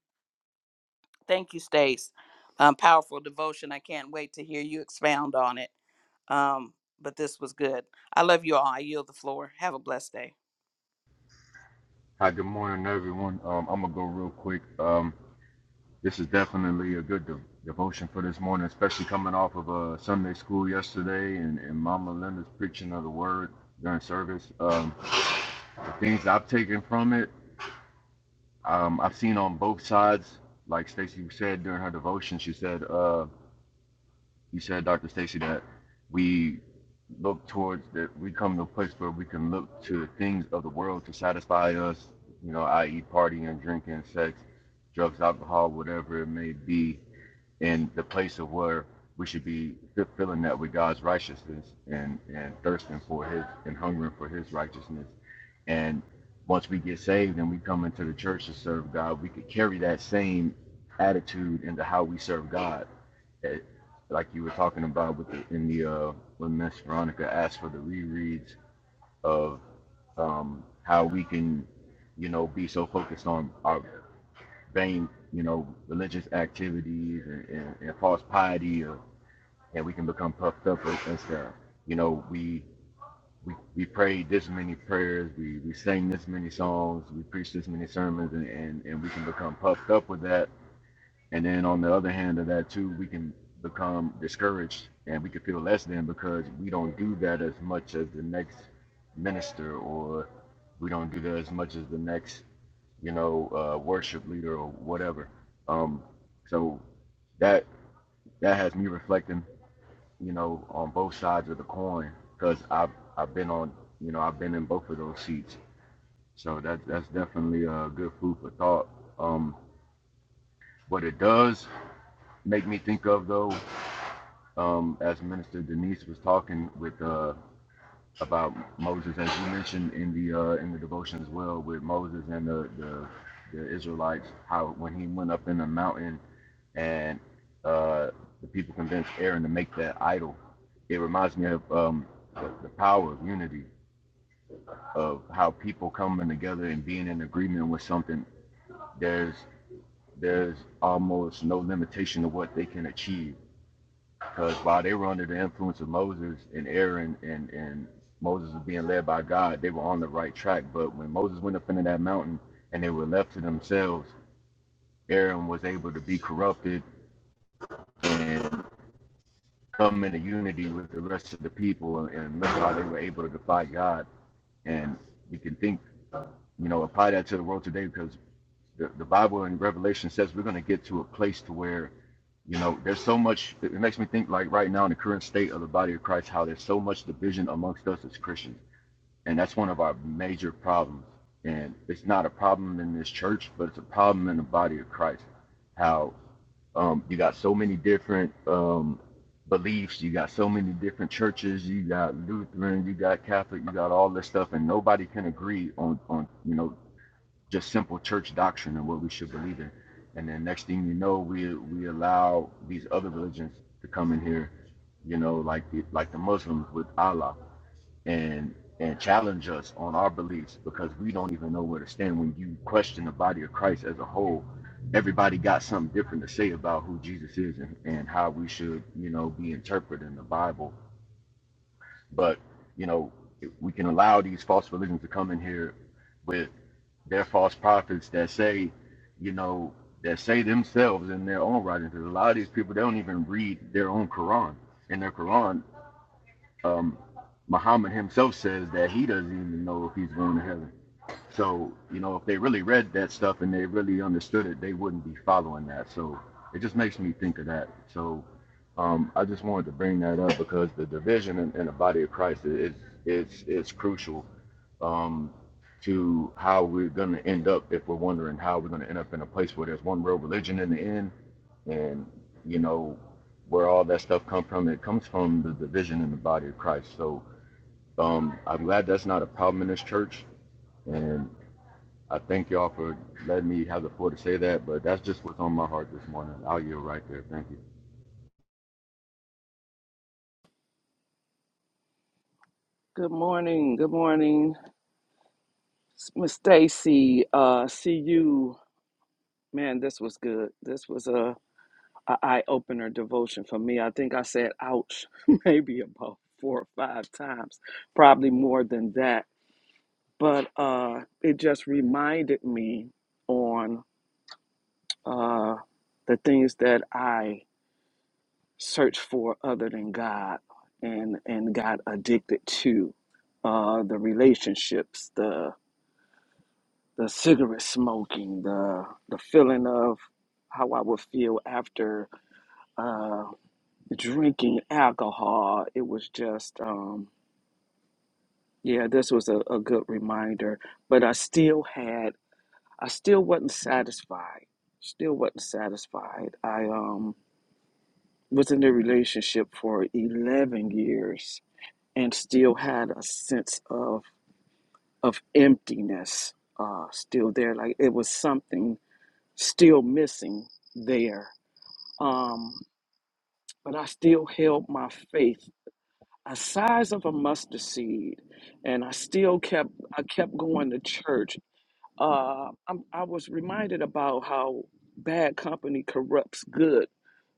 Thank you, Stace. Um, powerful devotion. I can't wait to hear you expound on it. Um, but this was good. I love you all. I yield the floor. Have a blessed day. Hi, good morning, everyone. Um, I'm gonna go real quick. Um, this is definitely a good de- devotion for this morning, especially coming off of uh, Sunday school yesterday and, and Mama Linda's preaching of the word during service. Um, the things I've taken from it, um, I've seen on both sides. Like Stacy said during her devotion, she said. uh, you said, Dr. Stacy, that we look towards that we come to a place where we can look to things of the world to satisfy us, you know, i.e., partying, drinking, sex, drugs, alcohol, whatever it may be, in the place of where we should be fulfilling that with God's righteousness and, and thirsting for His and hungering for His righteousness. And once we get saved and we come into the church to serve God, we could carry that same attitude into how we serve God that, like you were talking about with the, in the uh, when Miss Veronica asked for the rereads of um, how we can, you know, be so focused on our vain, you know, religious activities and, and, and false piety, or, and we can become puffed up and and stuff. You know, we we, we prayed this many prayers, we, we sang this many songs, we preached this many sermons, and, and, and we can become puffed up with that and then on the other hand of that too, we can become discouraged and we can feel less than because we don't do that as much as the next minister or we don't do that as much as the next, you know, uh, worship leader or whatever. Um, so that that has me reflecting, you know, on both sides of the coin because I've I've been on, you know, I've been in both of those seats. So that that's definitely a good food for thought. Um, what it does make me think of though um, as Minister Denise was talking with uh, about Moses, as you mentioned in the uh, in the devotion as well, with Moses and the, the the Israelites, how when he went up in the mountain and uh, the people convinced Aaron to make that idol, it reminds me of um, the, the power of unity, of how people coming together and being in agreement with something. There's there's almost no limitation to what they can achieve Because while they were under the influence of Moses and Aaron and, and Moses was being led by God, they were on the right track. But when Moses went up into that mountain and they were left to themselves, Aaron was able to be corrupted and come into unity with the rest of the people. And look how they were able to defy God. And we can think, you know, apply that to the world today because. the, the Bible in Revelation says we're going to get to a place to where, you know, there's so much. It makes me think like right now in the current state of the body of Christ, how there's so much division amongst us as Christians, and that's one of our major problems. And it's not a problem in this church, but it's a problem in the body of Christ. How um, you got so many different um, beliefs, you got so many different churches, you got Lutheran, you got Catholic, you got all this stuff, and nobody can agree on on you know just simple church doctrine and what we should believe in. And then next thing you know, we we allow these other religions to come in here, you know, like the like the Muslims with Allah and and challenge us on our beliefs because we don't even know where to stand. When you question the body of Christ as a whole, everybody got something different to say about who Jesus is and, and how we should, you know, be interpreting the Bible. But, you know, we can allow these false religions to come in here with. They're false prophets that say, you know, that say themselves in their own writings. Because a lot of these people, they don't even read their own Quran. In their Quran, um, Muhammad himself says that he doesn't even know if he's going to heaven. So, you know, if they really read that stuff and they really understood it, they wouldn't be following that. So it just makes me think of that. So um, I just wanted to bring that up because the division in, in the body of Christ is is is crucial um, to how we're going to end up if we're wondering how we're going to end up in a place where there's one world religion in the end, and you know where all that stuff comes from. It comes from the division in the body of Christ. So um, I'm glad that's not a problem in this church. and. I thank y'all for letting me have the floor to say that, but that's just what's on my heart this morning. I'll yield right there. Thank you. Good morning. Good morning, S- Miss Stacy. Uh, see you, man. This was good. This was a, a eye opener devotion for me. I think I said "ouch" maybe about four or five times, probably more than that. But uh, it just reminded me on uh, the things that I searched for other than God, and and got addicted to uh, the relationships, the cigarette smoking, the the feeling of how I would feel after uh, drinking alcohol. It was just, um, yeah, this was a, a good reminder. But I still had, I still wasn't satisfied. Still wasn't satisfied. I um, was in a relationship for eleven years and still had a sense of of emptiness. Uh, still there, like it was something still missing there. Um, but I still held my faith, a size of a mustard seed, and I still kept I kept going to church. Uh, I'm, I was reminded about how bad company corrupts good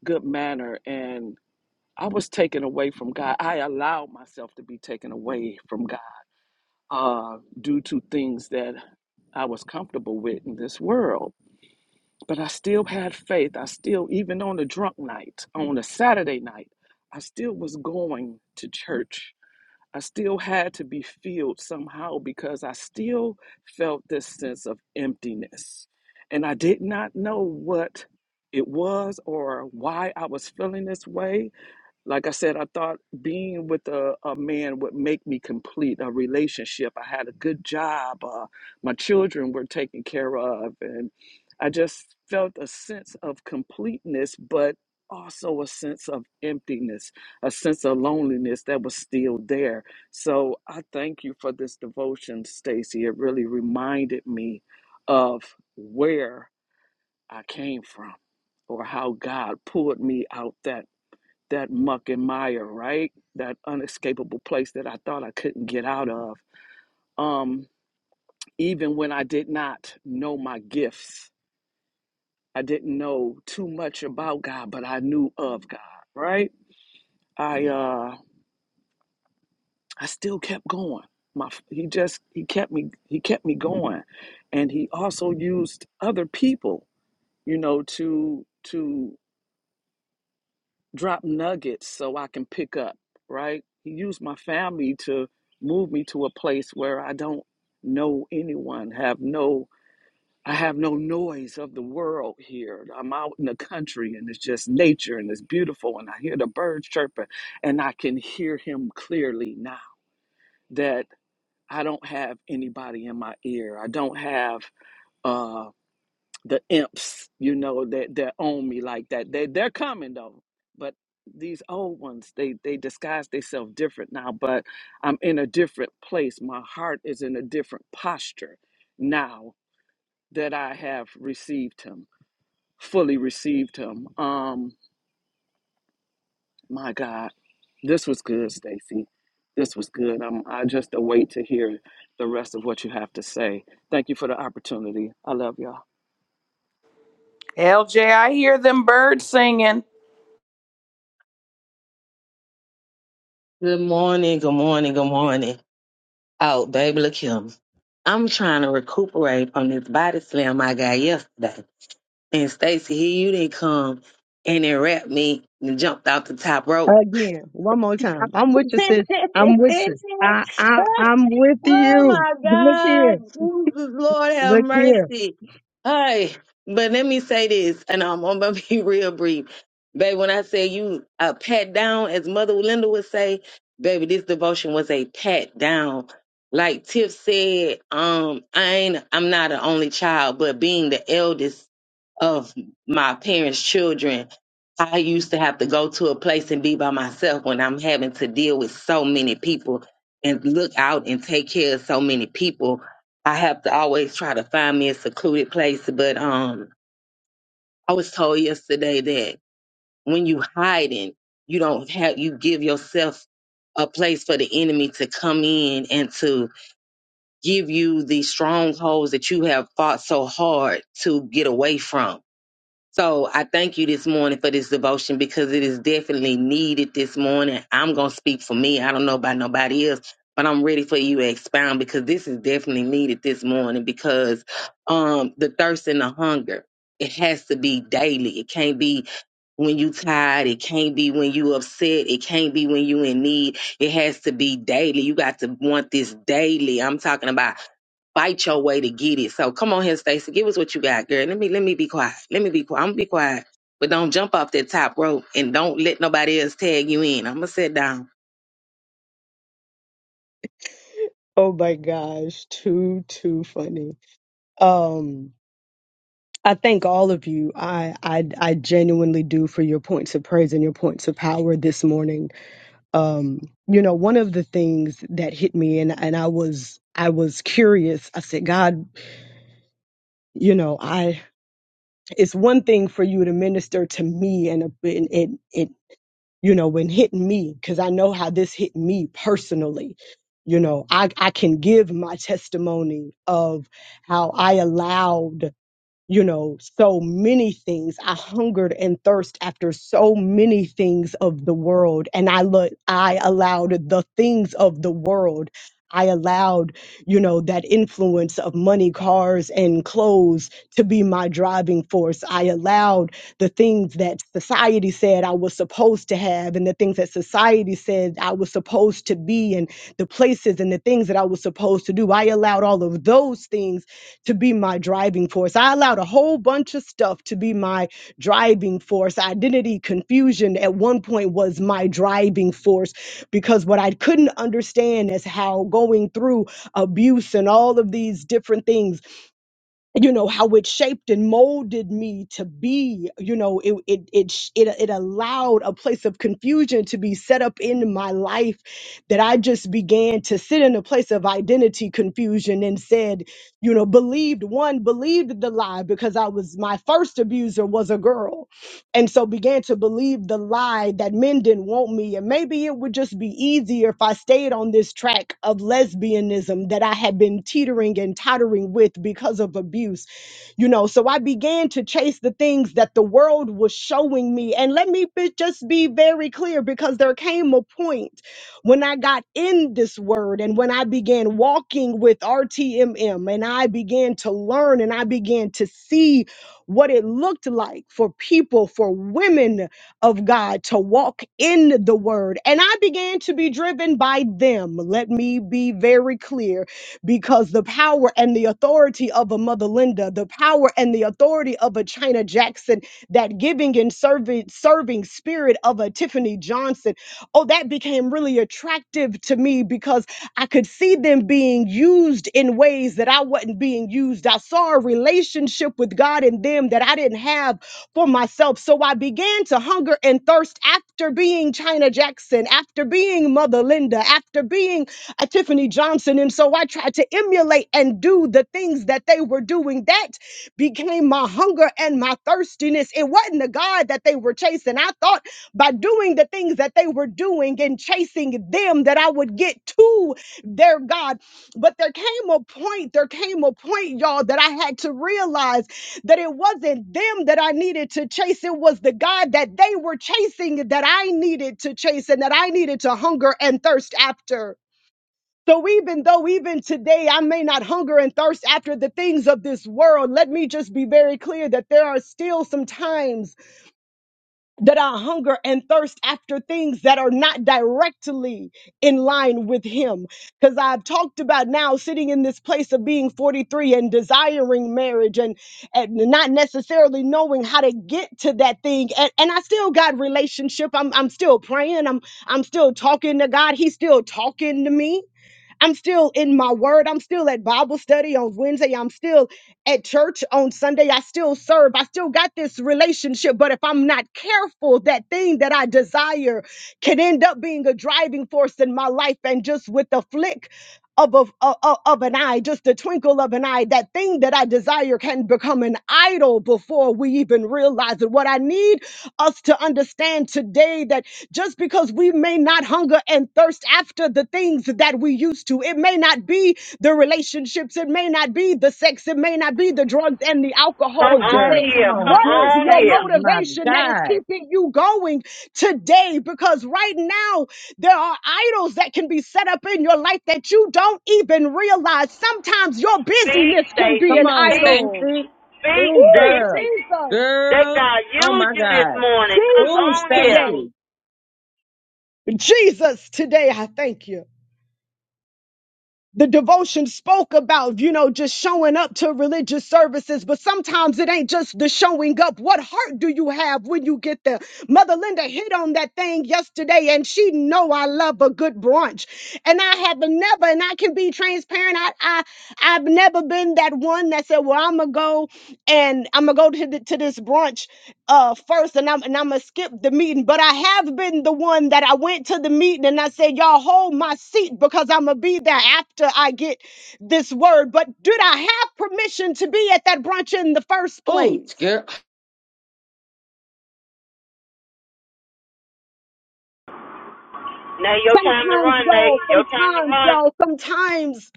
good manner, and I was taken away from God. I allowed myself to be taken away from God uh, due to things that I was comfortable with in this world But I still had faith. I still, even on the drunk night, on a Saturday night, I still was going to church. I still had to be filled somehow because I still felt this sense of emptiness. And I did not know what it was or why I was feeling this way, like I said, I thought being with a, a man would make me complete a relationship. I had a good job. Uh, my children were taken care of. And I just felt a sense of completeness, but also a sense of emptiness, a sense of loneliness that was still there. So I thank you for this devotion, Stacy. It really reminded me of where I came from or how God pulled me out that that muck and mire, right? That unescapable place that I thought I couldn't get out of. Um, even when I did not know my gifts, I didn't know too much about God, but I knew of God, right? I uh, I still kept going. My he just he kept me he kept me going, and he also used other people, you know, to to drop nuggets so I can pick up, right? He used my family to move me to a place where I don't know anyone, have no I have no noise of the world here. I'm out in the country and it's just nature and it's beautiful and I hear the birds chirping and I can hear him clearly now that I don't have anybody in my ear. I don't have uh the imps, you know, that that own me like that. They they're coming though, but these old ones, they they disguise themselves different now. But I'm in a different place. My heart is in a different posture now that I have received Him, fully received Him. Um, my God, this was good, Stacy. This was good. I'm, I just await to hear the rest of what you have to say. Thank you for the opportunity. I love y'all. LJ, I hear them birds singing. Good morning. Good morning. Good morning. Oh, baby, look here. I'm trying to recuperate from this body slam I got yesterday. And Stacy, here you didn't come and then wrapped me and jumped off the top rope. again, one more time. I'm with you, sis. I'm with you. I, I, I'm with Oh you. my Look here, God. Jesus, Lord have look here. mercy. Hey, but let me say this, and I'm, I'm gonna be real brief. Baby, when I say you a pat down, as Mother Linda would say, baby, this devotion was a pat down. Like Tiff said, um, I ain't I'm not an only child, but being the eldest of my parents' children, I used to have to go to a place and be by myself when I'm having to deal with so many people and look out and take care of so many people. I have to always try to find me a secluded place. But um, I was told yesterday that when you hiding, you don't have you give yourself a place for the enemy to come in and to give you the strongholds that you have fought so hard to get away from so I thank you this morning for this devotion because it is definitely needed this morning. I'm going to speak for me. I don't know about nobody else, but I'm ready for you to expound because this is definitely needed this morning because um the thirst and the hunger, it has to be daily. It can't be when you tired, it can't be when you upset, it can't be when you in need. It has to be daily. You got to want this daily. I'm talking about fight your way to get it. So come on here, Stacey. Give us what you got, girl. Let me let me be quiet. Let me be quiet. I'm gonna be quiet. But don't jump off that top rope and don't let nobody else tag you in. I'm gonna sit down. Oh my gosh, too, too funny. Um. I thank all of you. I, I I genuinely do for your points of praise and your points of power this morning. Um, you know, one of the things that hit me and and I was I was curious. I said, God, you know, I it's one thing for you to minister to me and, and it it you know when hitting me because I know how this hit me personally. You know, I I can give my testimony of how I allowed you know, so many things. I hungered and thirst after so many things of the world, and I look, I allowed the things of the world. I allowed, you know, that influence of money, cars, and clothes to be my driving force. I allowed the things that society said I was supposed to have, and the things that society said I was supposed to be, and the places and the things that I was supposed to do. I allowed all of those things to be my driving force. I allowed a whole bunch of stuff to be my driving force. Identity confusion at one point was my driving force because what I couldn't understand is how going through abuse and all of these different things you know how it shaped and molded me to be you know it it it sh- it, it allowed a place of confusion to be set up in my life that i just began to sit in a place of identity confusion and said you know believed one believed the lie because i was my first abuser was a girl and so began to believe the lie that men didn't want me and maybe it would just be easier if i stayed on this track of lesbianism that i had been teetering and tottering with because of abuse you know so i began to chase the things that the world was showing me and let me be, just be very clear because there came a point when i got in this word and when i began walking with rtmm and i began to learn and i began to see what it looked like for people, for women of God to walk in the word. And I began to be driven by them. Let me be very clear because the power and the authority of a Mother Linda, the power and the authority of a China Jackson, that giving and serving, serving spirit of a Tiffany Johnson, oh, that became really attractive to me because I could see them being used in ways that I wasn't being used. I saw a relationship with God in them that I didn't have for myself. So I began to hunger and thirst after being China Jackson, after being Mother Linda, after being uh, Tiffany Johnson. And so I tried to emulate and do the things that they were doing. That became my hunger and my thirstiness. It wasn't the God that they were chasing. I thought by doing the things that they were doing and chasing them that I would get to their God. But there came a point, there came a point, y'all, that I had to realize that it wasn't them that I needed to chase. It was the God that they were chasing that I needed to chase and that I needed to hunger and thirst after. So even though even today I may not hunger and thirst after the things of this world, let me just be very clear that there are still some times that I hunger and thirst after things that are not directly in line with Him. Because I've talked about now sitting in this place of being 43 and desiring marriage and, and not necessarily knowing how to get to that thing. And, and I still got relationship. I'm, I'm still praying. I'm, I'm still talking to God. He's still talking to me I'm still in my word. I'm still at Bible study on Wednesday. I'm still at church on Sunday. I still serve. I still got this relationship. But if I'm not careful, that thing that I desire can end up being a driving force in my life. And just with the flick of, of, of, of an eye, just the twinkle of an eye, that thing that I desire can become an idol before we even realize it. What I need us to understand today that just because we may not hunger and thirst after the things that we used to, it may not be the relationships, it may not be the sex, it may not be the drugs and the Come alcohol Oh, on girl, today. come here. on What Come here, is on your here. Stacy. My motivation that is God. keeping you going today? Because right now, there are idols that can be set up in your life that you don't even realize. Sometimes your Speak, busyness can be Stacy. Come an on, Speak. idol. Stacy. Speak, Oh, Ooh, Stacy. girl. Jesus. Let Girl. God Oh, use my you this God. morning. Come Oh, Jesus on here. today. Stacy. Jesus today, I thank you. The devotion spoke about, you know, just showing up to religious services, but sometimes it ain't just the showing up. What heart do you have when you get there? Mother Linda hit on that thing yesterday and she know I love a good brunch. And I have never, and I can be transparent parent, I, I I've never been that one that said, "Well, I'm gonna go and I'm gonna go to the, to this brunch uh first, and I'm and I'm gonna skip the meeting." But I have been the one that I went to the meeting and I said, "Y'all hold my seat because I'm gonna be there after I get this word." But did I have permission to be at that brunch in the first Oh, place? girl, Nay, your time to Sometimes, run, Nay. y'all. Your time to Sometimes, run. y'all. Sometimes.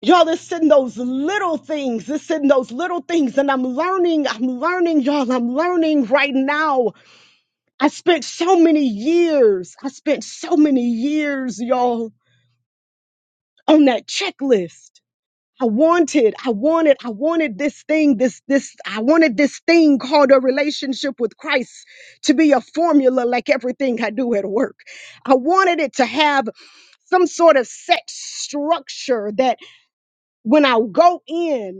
Y'all, it's in those little things. It's in those little things. And I'm learning, I'm learning, y'all. I'm learning right now. I spent so many years, I spent so many years, y'all, on that checklist. I wanted, I wanted, I wanted this thing, this, this, I wanted this thing called a relationship with Christ to be a formula like everything I do at work. I wanted it to have some sort of set structure that when I go in.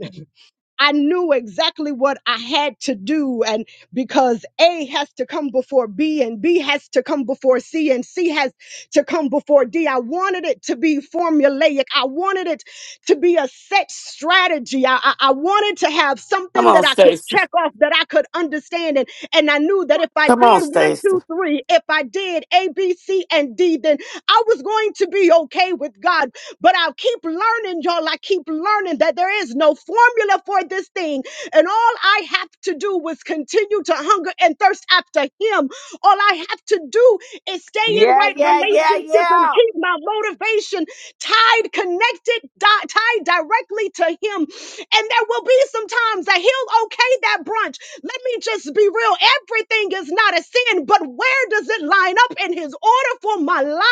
I knew exactly what I had to do. And because A has to come before B and B has to come before C and C has to come before D, I wanted it to be formulaic. I wanted it to be a set strategy. I, I, I wanted to have Come something on, that I could Stacy. check off, that I could understand. And, and I knew that if I did Come on, one, Stacy. two, three, if I did A, B, C, and D, then I was going to be okay with God but I'll keep learning, y'all. I keep learning that there is no formula for this thing. And all I have to do was continue to hunger and thirst after Him. All I have to do is stay in Yeah, right yeah, yeah, relationship and yeah. keep my motivation tied, connected, di- tied directly to Him. And there will be some times that He'll okay that brunch. Let me just be real. Everything is not a sin, but where does it line up in His order for my life?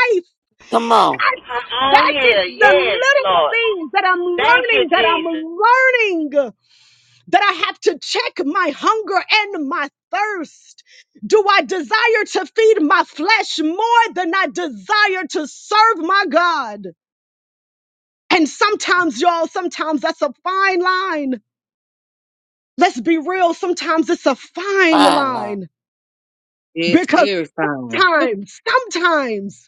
Come on. Come on That here. is the Yes, little Lord. things that I'm Thank you, learning, that Jesus. I'm learning, that I have to check my hunger and my thirst. Do I desire to feed my flesh more than I desire to serve my God? And sometimes, y'all, sometimes that's a fine line. Let's be real, sometimes it's a fine Fine, Lord. line it's because very fine. sometimes, sometimes.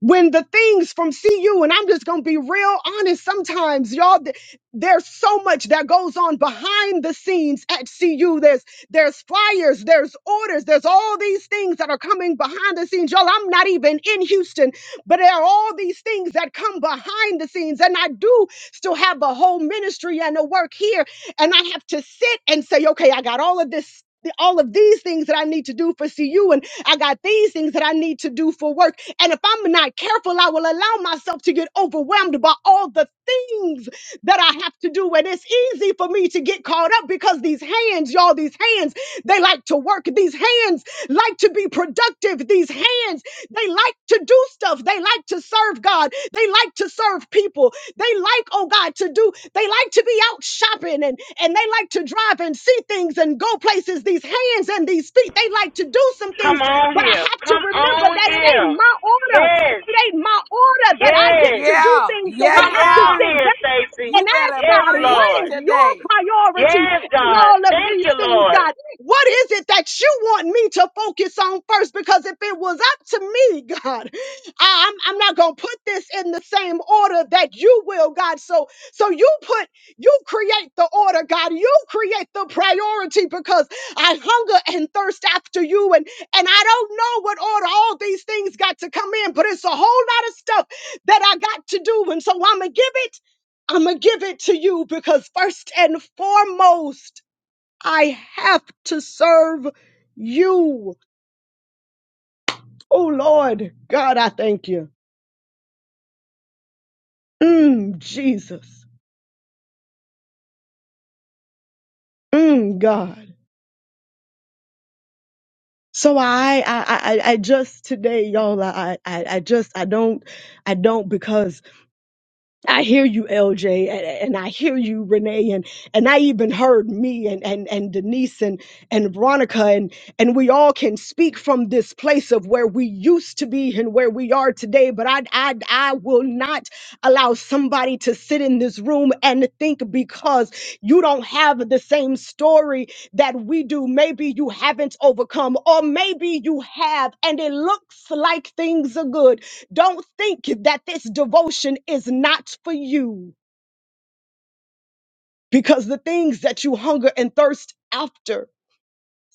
when the things from CU, and I'm just going to be real honest, sometimes y'all, th- there's so much that goes on behind the scenes at CU. There's, there's flyers, there's orders, there's all these things that are coming behind the scenes. Y'all, I'm not even in Houston, but there are all these things that come behind the scenes. And I do still have a whole ministry and a work here. And I have to sit and say, okay, I got all of this. All of these things that I need to do for CU, and I got these things that I need to do for work and if I'm not careful, I will allow myself to get overwhelmed by all the things that I have to do. And it's easy for me to get caught up because these hands, y'all, these hands, they like to work. These hands like to be productive. These hands, they like to do stuff. They like to serve God. They like to serve people. They like, oh God, to do, they like to be out shopping and, and they like to drive and see things and go places. These hands and these feet, they like to do some Come things on but I here. have to Come remember on that it ain't here. my order. Yes. It ain't my order that I get Yes. to do Yeah, things. So yeah, I Come have to on yeah. sit here, back Stacy. and You better ask Yes, God, preach what Lord. is your today. priority Yes, in God. all of Thank these you, things, Lord. God? What is it that you want me to focus on first? Because if it was up to me, God, I- I'm, I'm not gonna put this in the same order that you will, God. So so you put you create the order, God. You create the priority because I hunger and thirst after you, and and I don't know what order all these things got to come in, but it's a whole lot of stuff that I got to do, and so I'm gonna give it I'm going to give it to you because first and foremost, I have to serve you. Oh Lord, God, I thank you. Mm, Jesus. Mm, God. So I, I, I, I I just today, y'all, I, I, I just, I don't, I don't because I hear you, LJ, and, and I hear you, Renee, and and I even heard me and and and Denise and and Veronica, and and we all can speak from this place of where we used to be and where we are today. But I I I will not allow somebody to sit in this room and think because you don't have the same story that we do. Maybe you haven't overcome, or maybe you have, and it looks like things are good don't think that this devotion is not for you because the things that you hunger and thirst after,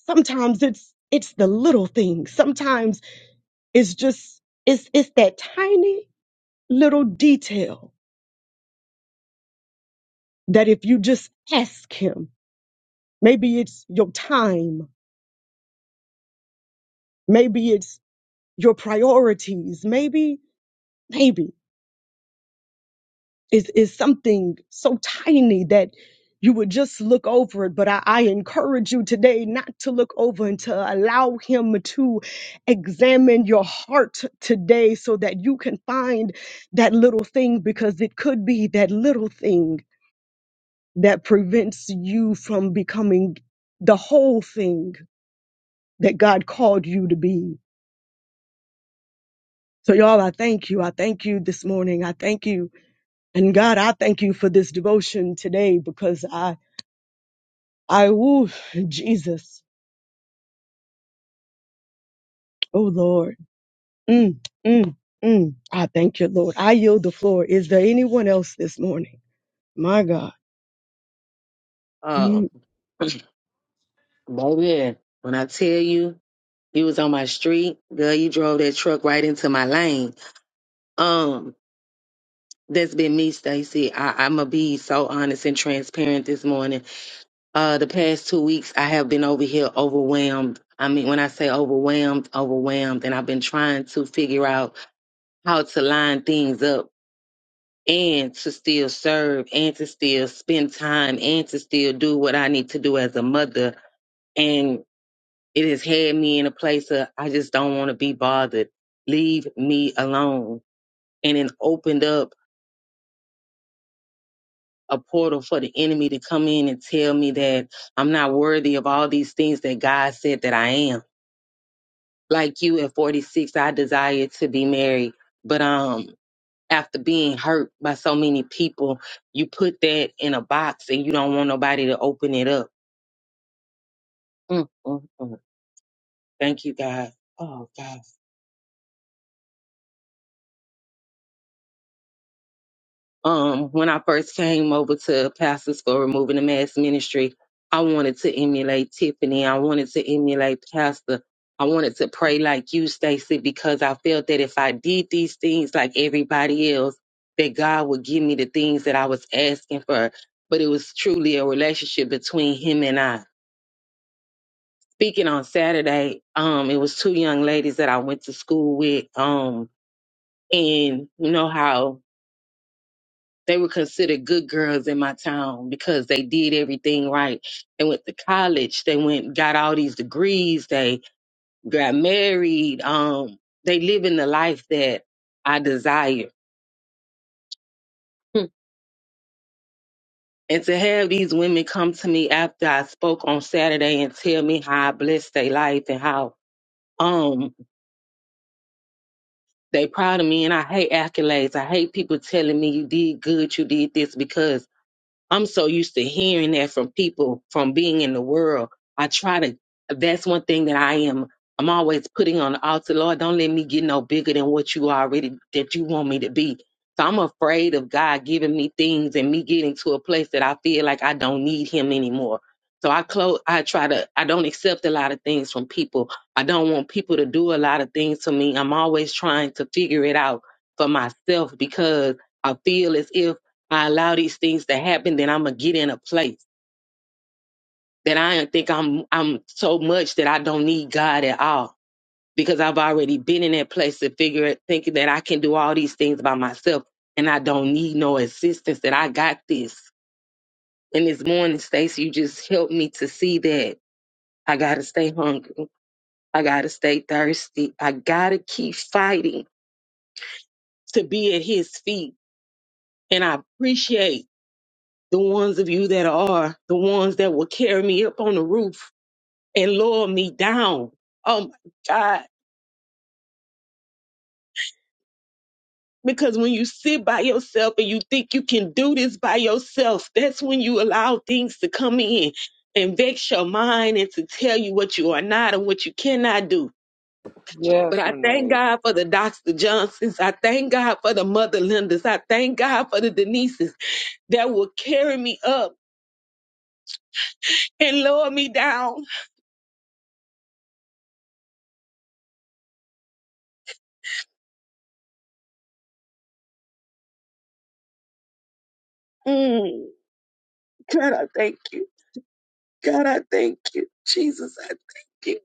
sometimes it's it's the little things. Sometimes it's just it's it's that tiny little detail that if you just ask him, maybe it's your time, maybe it's your priorities, maybe maybe is is something so tiny that you would just look over it. But I, I encourage you today not to look over and to allow him to examine your heart today so that you can find that little thing because it could be that little thing that prevents you from becoming the whole thing that God called you to be. So y'all, I thank you. I thank you this morning. I thank you. And God, I thank you for this devotion today because I I woo Jesus. Oh Lord. Mm, mm, mm. I thank you, Lord. I yield the floor. Is there anyone else this morning? My God. Uh, Mm, baby, when I tell you you was on my street, girl, you drove that truck right into my lane. Um, that's been me, Stacy. I, I'm gonna be so honest and transparent this morning. Uh, the past two weeks, I have been over here overwhelmed. I mean, when I say overwhelmed, overwhelmed, and I've been trying to figure out how to line things up and to still serve and to still spend time and to still do what I need to do as a mother. And it has had me in a place of I just don't want to be bothered. Leave me alone. And it opened up a portal for the enemy to come in and tell me that I'm not worthy of all these things that God said that I am. Like you at 46, I desired to be married, but um after being hurt by so many people, you put that in a box and you don't want nobody to open it up. Mm, mm, mm. Thank you, God. Oh God. um, when I first came over to Pastors for Removing the Mass Ministry, I wanted to emulate Tiffany. I wanted to emulate Pastor. I wanted to pray like you, Stacy, because I felt that if I did these things like everybody else, that God would give me the things that I was asking for. But it was truly a relationship between Him and I. Speaking on Saturday, um, it was two young ladies that I went to school with, um, and you know how They were considered good girls in my town because they did everything right. They went to college. They went, got all these degrees. They got married. Um, they live in the life that I desire. Hmm. And to have these women come to me after I spoke on Saturday and tell me how I blessed their life and how um they proud of me and I hate accolades. I hate people telling me you did good, you did this because I'm so used to hearing that from people from being in the world. I try to, that's one thing that I am, I'm always putting on the altar. Lord, don't let me get no bigger than what you already, that you want me to be. So I'm afraid of God giving me things and me getting to a place that I feel like I don't need him anymore. So I close, I try to, I don't accept a lot of things from people. I don't want people to do a lot of things to me. I'm always trying to figure it out for myself because I feel as if. I allow these things to happen, then I'm gonna get in a place that I think I'm I'm so much that I don't need God at all because I've already been in that place to figure it, thinking that I can do all these things by myself and I don't need no assistance. That I got this. And this morning, Stacey, you just helped me to see that I gotta stay hungry. I gotta stay thirsty. I gotta keep fighting to be at His feet. And I appreciate the ones of you that are the ones that will carry me up on the roof and lower me down. Oh my God. Because when you sit by yourself and you think you can do this by yourself, that's when you allow things to come in and vex your mind and to tell you what you are not and what you cannot do. But I thank God for the Dr. Johnsons. I thank God for the Mother Lindas. I thank God for the Denises that will carry me up and lower me down. Mm. God, I thank you. God, I thank you. Jesus, I thank you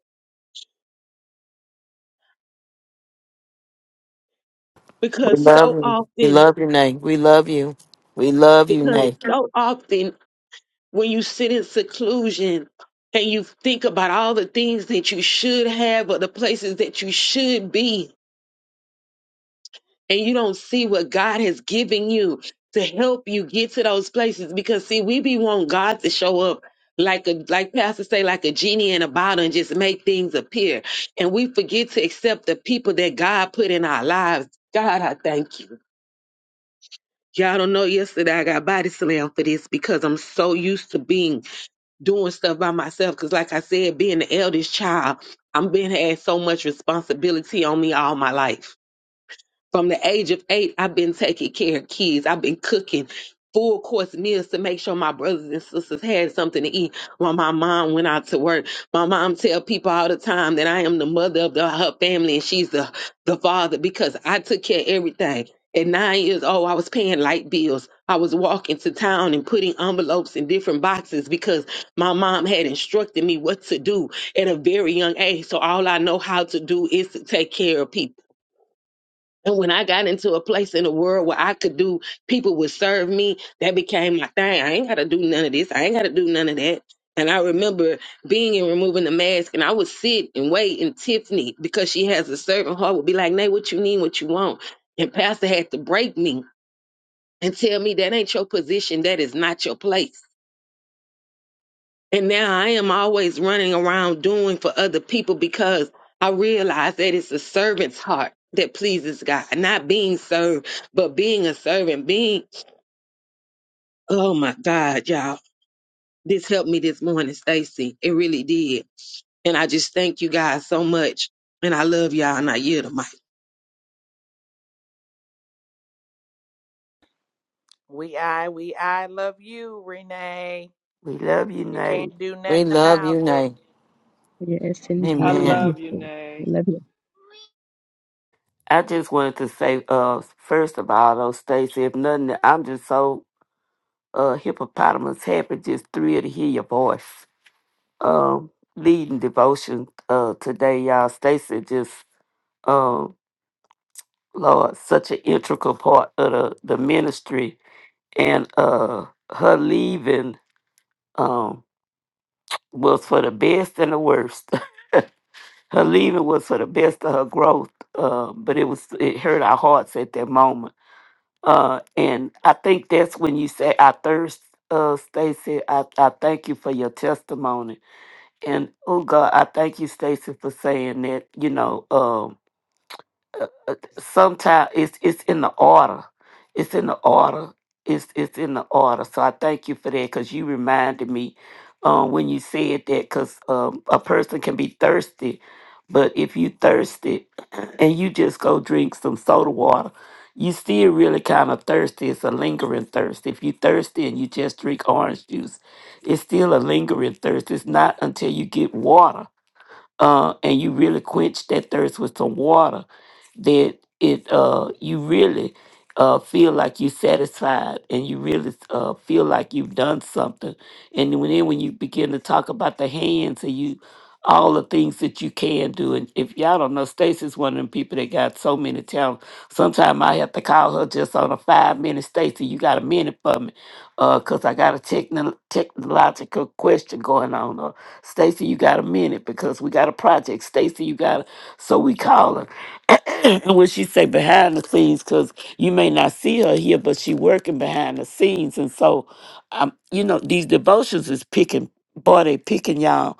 We because love so you. We often love you, Nay. We love you. We love you, Because Nay. so often when you sit in seclusion and you think about all the things that you should have or the places that you should be, and you don't see what God has given you to help you get to those places. Because see, we be want God to show up like a like Pastor say, like a genie in a bottle and just make things appear. And we forget to accept the people that God put in our lives. God, I thank you. Y'all don't know yesterday I got body slammed for this because I'm so used to being doing stuff by myself because like i said being the eldest child i'm been had so much responsibility on me all my life from the age of eight, I've been taking care of kids. I've been cooking full course meals to make sure my brothers and sisters had something to eat while my mom went out to work. My mom tell people all the time that I am the mother of the, her family and she's the, the father because I took care of everything. At nine years old, I was paying light bills. I was walking to town and putting envelopes in different boxes because my mom had instructed me what to do at a very young age. So all I know how to do is to take care of people. And when I got into a place in the world where I could do, people would serve me, that became my thing. I ain't got to do none of this. I ain't got to do none of that. And I remember being and removing the mask, and I would sit and wait. And Tiffany, because she has a servant heart, would be like, Nay, what you need, what you want. And Pastor had to break me and tell me that ain't your position, that is not your place. And now I am always running around doing for other people because I realize that it's a servant's heart that pleases God, not being served, but being a servant, being, oh my God, y'all. This helped me this morning, Stacy. It really did. And I just thank you guys so much. And I love y'all and I yield the mic. We I we I love you, Renee. We love you, You Nate. can't do We nothing love about you, it. Nay. yes, I indeed. I love you. Amen. love you, too. I Nay. love you. I just wanted to say, uh, first of all, though, Stacy, if nothing, I'm just so uh, hippopotamus happy, just thrilled to hear your voice. Um, leading devotion uh, today, y'all. Stacy just, um, Lord, such an integral part of the, the ministry. And uh, her leaving um, was for the best and the worst. Her leaving was for the best of her growth, uh, but it was it hurt our hearts at that moment. Uh, and I think that's when you say, "I thirst." Uh, Stacy, I, I thank you for your testimony, and oh God, I thank you, Stacy, for saying that. You know, um, sometimes it's it's in the order. It's in the order. It's it's in the order. So I thank you for that because you reminded me um, when you said that because um, a person can be thirsty, but if you thirsty and you just go drink some soda water, you still really kind of thirsty. It's a lingering thirst. If you thirsty and you just drink orange juice, it's still a lingering thirst. It's not until you get water uh, and you really quench that thirst with some water, that it uh, you really uh, feel like you're satisfied and you really uh, feel like you've done something. And when then when you begin to talk about the hands and you all the things that you can do, and if y'all don't know, Stacy's one of them people that got so many talents. Sometimes I have to call her just on a five minute. Stacy, you got a minute for me? Uh, cause I got a techno- technological question going on uh, Stacy, you got a minute because we got a project. Stacy, you got a... So we call her. and when she say behind the scenes, because you may not see her here, but she working behind the scenes. And so, um, you know, these devotions is picking, boy, they picking y'all.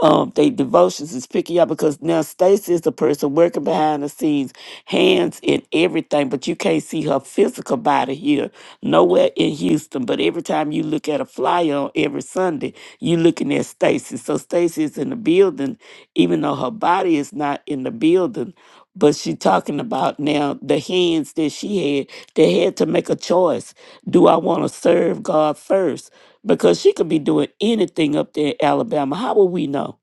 Um, they devotions is picking y'all because now Stacy is the person working behind the scenes, hands in everything, but you can't see her physical body here, nowhere in Houston. But every time you look at a flyer on every Sunday, you looking at Stacy. So Stacy is in the building, even though her body is not in the building. But she talking about now the hands that she had. They had to make a choice. Do I want to serve God first? Because she could be doing anything up there in Alabama. How will we know?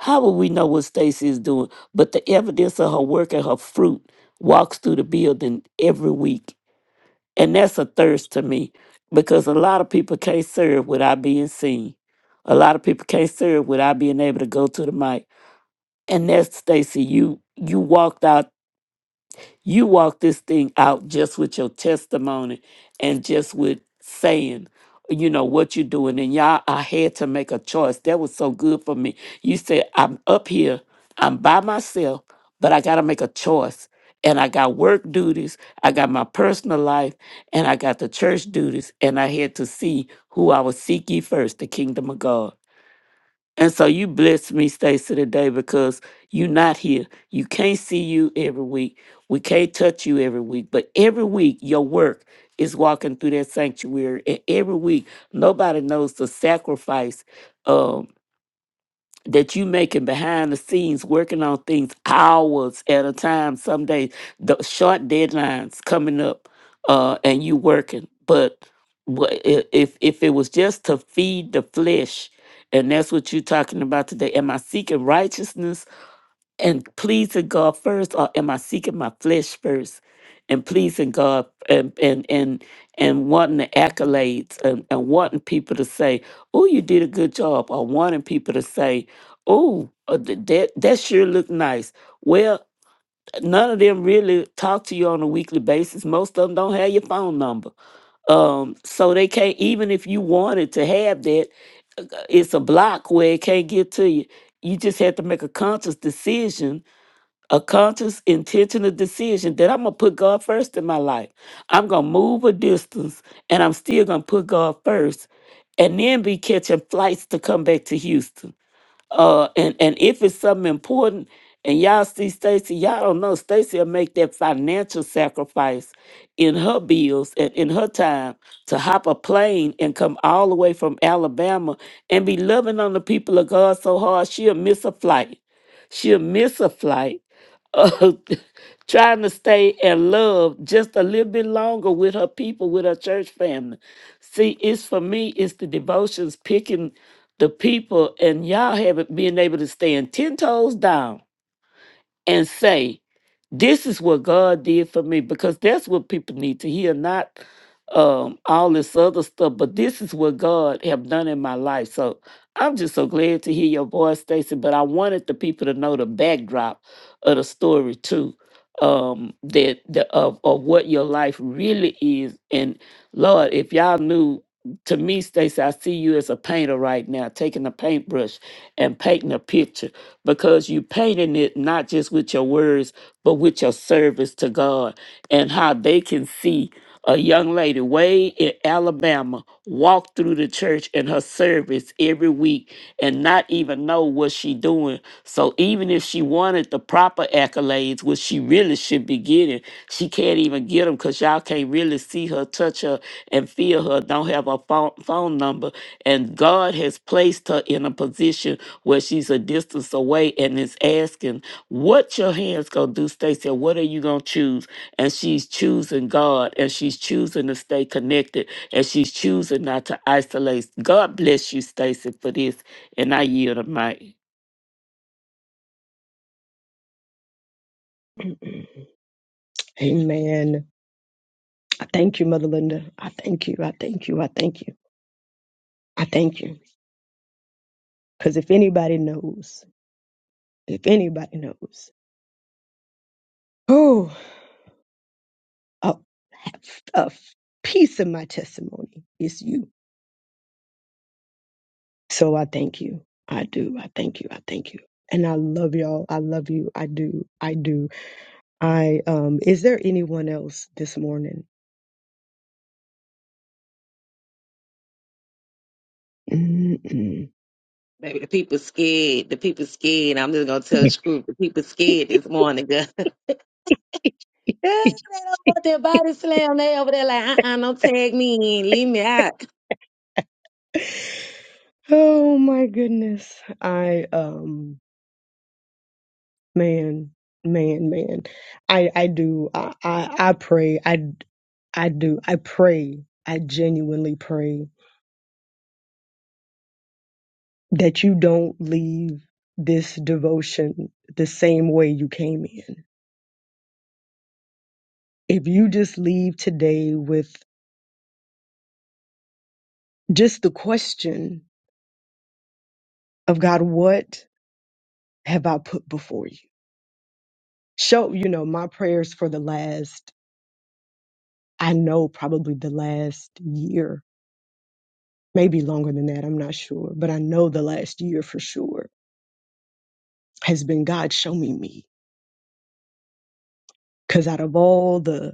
How will we know what Stacy is doing? But the evidence of her work and her fruit walks through the building every week. And that's a thirst to me because a lot of people can't serve without being seen. A lot of people can't serve without being able to go to the mic. And that's Stacy, you you walked out you walk this thing out just with your testimony and just with saying, you know, what you're doing. And y'all, I had to make a choice. That was so good for me. You said, I'm up here, I'm by myself, but I got to make a choice. And I got work duties, I got my personal life, and I got the church duties. And I had to see who I would seek ye first, the kingdom of God. And so you bless me, Stacy, today because you're not here. You can't see you every week. We can't touch you every week. But every week, your work is walking through that sanctuary. And every week, nobody knows the sacrifice. um, that you making behind the scenes working on things hours at a time some days the short deadlines coming up uh and you working but wha- i- if if it was just to feed the flesh and that's what you're talking about today am i seeking righteousness and pleasing God first, or am I seeking my flesh first and pleasing God and and and, and wanting the accolades and, and wanting people to say, "Oh, you did a good job," or wanting people to say, "Oh, uh, th- that that sure looked nice." Well, none of them really talk to you on a weekly basis. Most of them don't have your phone number, um, so they can't. Even if you wanted to have that, uh, it's a block where it can't get to you. You just have to make a conscious decision a conscious, intentional decision that I'm gonna put God first in my life. I'm gonna move a distance and I'm still gonna put God first and then be catching flights to come back to Houston. Uh, and and if it's something important, and y'all see Stacy, y'all don't know Stacy will make that financial sacrifice in her bills and in her time to hop a plane and come all the way from Alabama and be loving on the people of God so hard she'll miss a flight. She'll miss a flight. Uh, trying to stay and love just a little bit longer with her people, with her church family. See, it's for me, it's the devotions picking the people and y'all have it being able to stand 10 toes down and say this is what god did for me because that's what people need to hear not um all this other stuff but this is what god have done in my life so i'm just so glad to hear your voice stacy but i wanted the people to know the backdrop of the story too um that the of, of what your life really is and lord if y'all knew to me, Stacey, I see you as a painter right now, taking a paintbrush and painting a picture because you painting it not just with your words, but with your service to God and how they can see a young lady way in Alabama walk through the church in her service every week and not even know what she doing. So even if she wanted the proper accolades, which she really should be getting, she can't even get them because y'all can't really see her touch her and feel her, don't have a phone, phone number. And God has placed her in a position where she's a distance away and is asking, What your hands gonna do, Stacey? and What are you gonna choose? And she's choosing God and she's choosing to stay connected and she's choosing not to isolate. God bless you, Stacy, for this. And I yield a mic. Amen. I thank you, Mother Linda. I thank you. I thank you. I thank you. I thank you. Because if anybody knows, if anybody knows, oh, a, a piece of my testimony is you. So I thank you. I do. I thank you. I thank you. And I love y'all. I love you. I do. I do. I um is there anyone else this morning? Mm-mm. Baby, the people scared. The people scared. I'm just gonna tell the group. The people scared this morning, girl. they don't want their body slam. They over there like, uh-uh, don't tag me in. Leave me out. oh my goodness. I um man, man, man. I I do. I I, I pray. I I do. I pray. I genuinely pray that you don't leave this devotion the same way you came in If you just leave today with just the question of God, what have I put before you? Show, you know, my prayers for the last, I know probably the last year, maybe longer than that, I'm not sure, but I know the last year for sure has been God, show me me. Because out of all the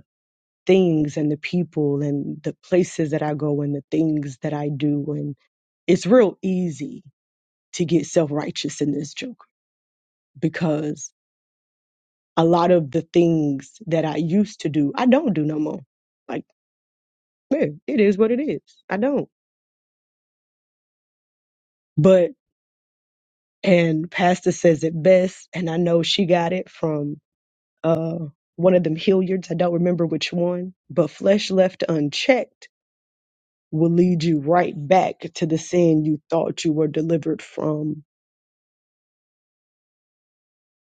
things and the people and the places that I go and the things that I do and it's real easy to get self righteous in this joke because a lot of the things that I used to do, I don't do no more. Like, man, it is what it is. I don't. But and Pastor says it best, and I know she got it from uh one of them Hilliards. I don't remember which one, but flesh left unchecked will lead you right back to the sin you thought you were delivered from.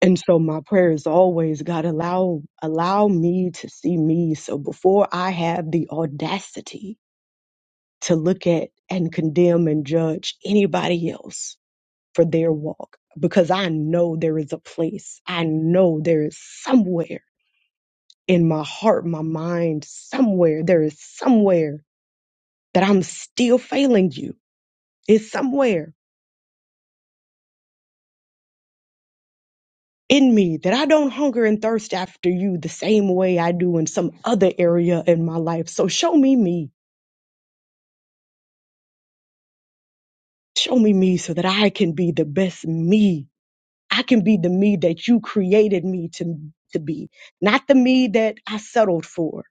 And so my prayer is always, God, allow allow me to see me. So before I have the audacity to look at and condemn and judge anybody else for their walk because I know there is a place. I know there is somewhere in my heart, my mind, somewhere, there is somewhere that I'm still failing you. It's somewhere in me that I don't hunger and thirst after you the same way I do in some other area in my life. So show me me. Show me me so that I can be the best me I can be the me that you created me to, to be, not the me that I settled for.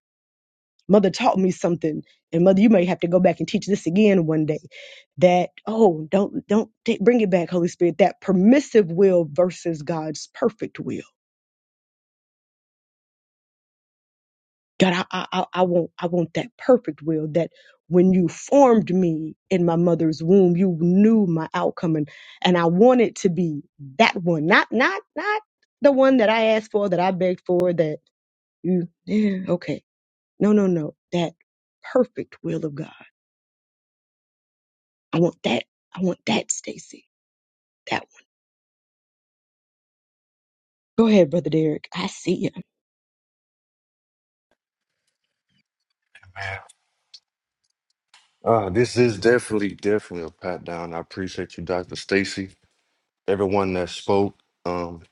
Mother taught me something, and mother, you may have to go back and teach this again one day. That oh, don't don't take, bring it back, Holy Spirit. That permissive will versus God's perfect will. God, I, I I I want I want that perfect will. That when you formed me in my mother's womb, you knew my outcome, and and I want it to be that one, not not not the one that I asked for, that I begged for, that You, yeah, okay. No, no, no. That perfect will of God. I want that. I want that, Stacy. That one. Go ahead, Brother Derek. I see you. Man. Uh, this is definitely, definitely a pat down. I appreciate you, Dr. Stacy. Everyone that spoke. Um,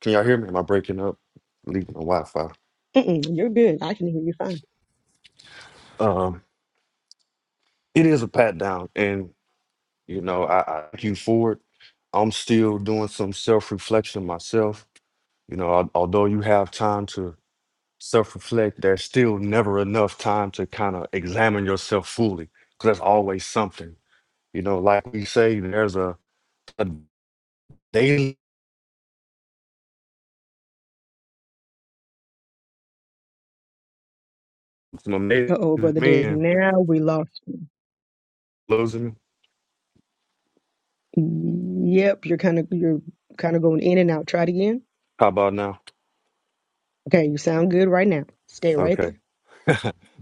can y'all hear me? Am I breaking up? Leaving the Wi-Fi. Mm-mm, you're good. I can hear you fine. Um, it is a pat down, and you know, I, I thank you for it. I'm still doing some self-reflection myself. You know, al- although you have time to self-reflect, there's still never enough time to kind of examine yourself fully, because there's always something. You know, like we say, there's a, a daily. Some amazing Uh oh, Brother Derek. men Now we lost. losing me. Yep, you're kind of you're kind of going in and out. Try it again. How about now? Okay, you sound good right now. Stay right Okay. there.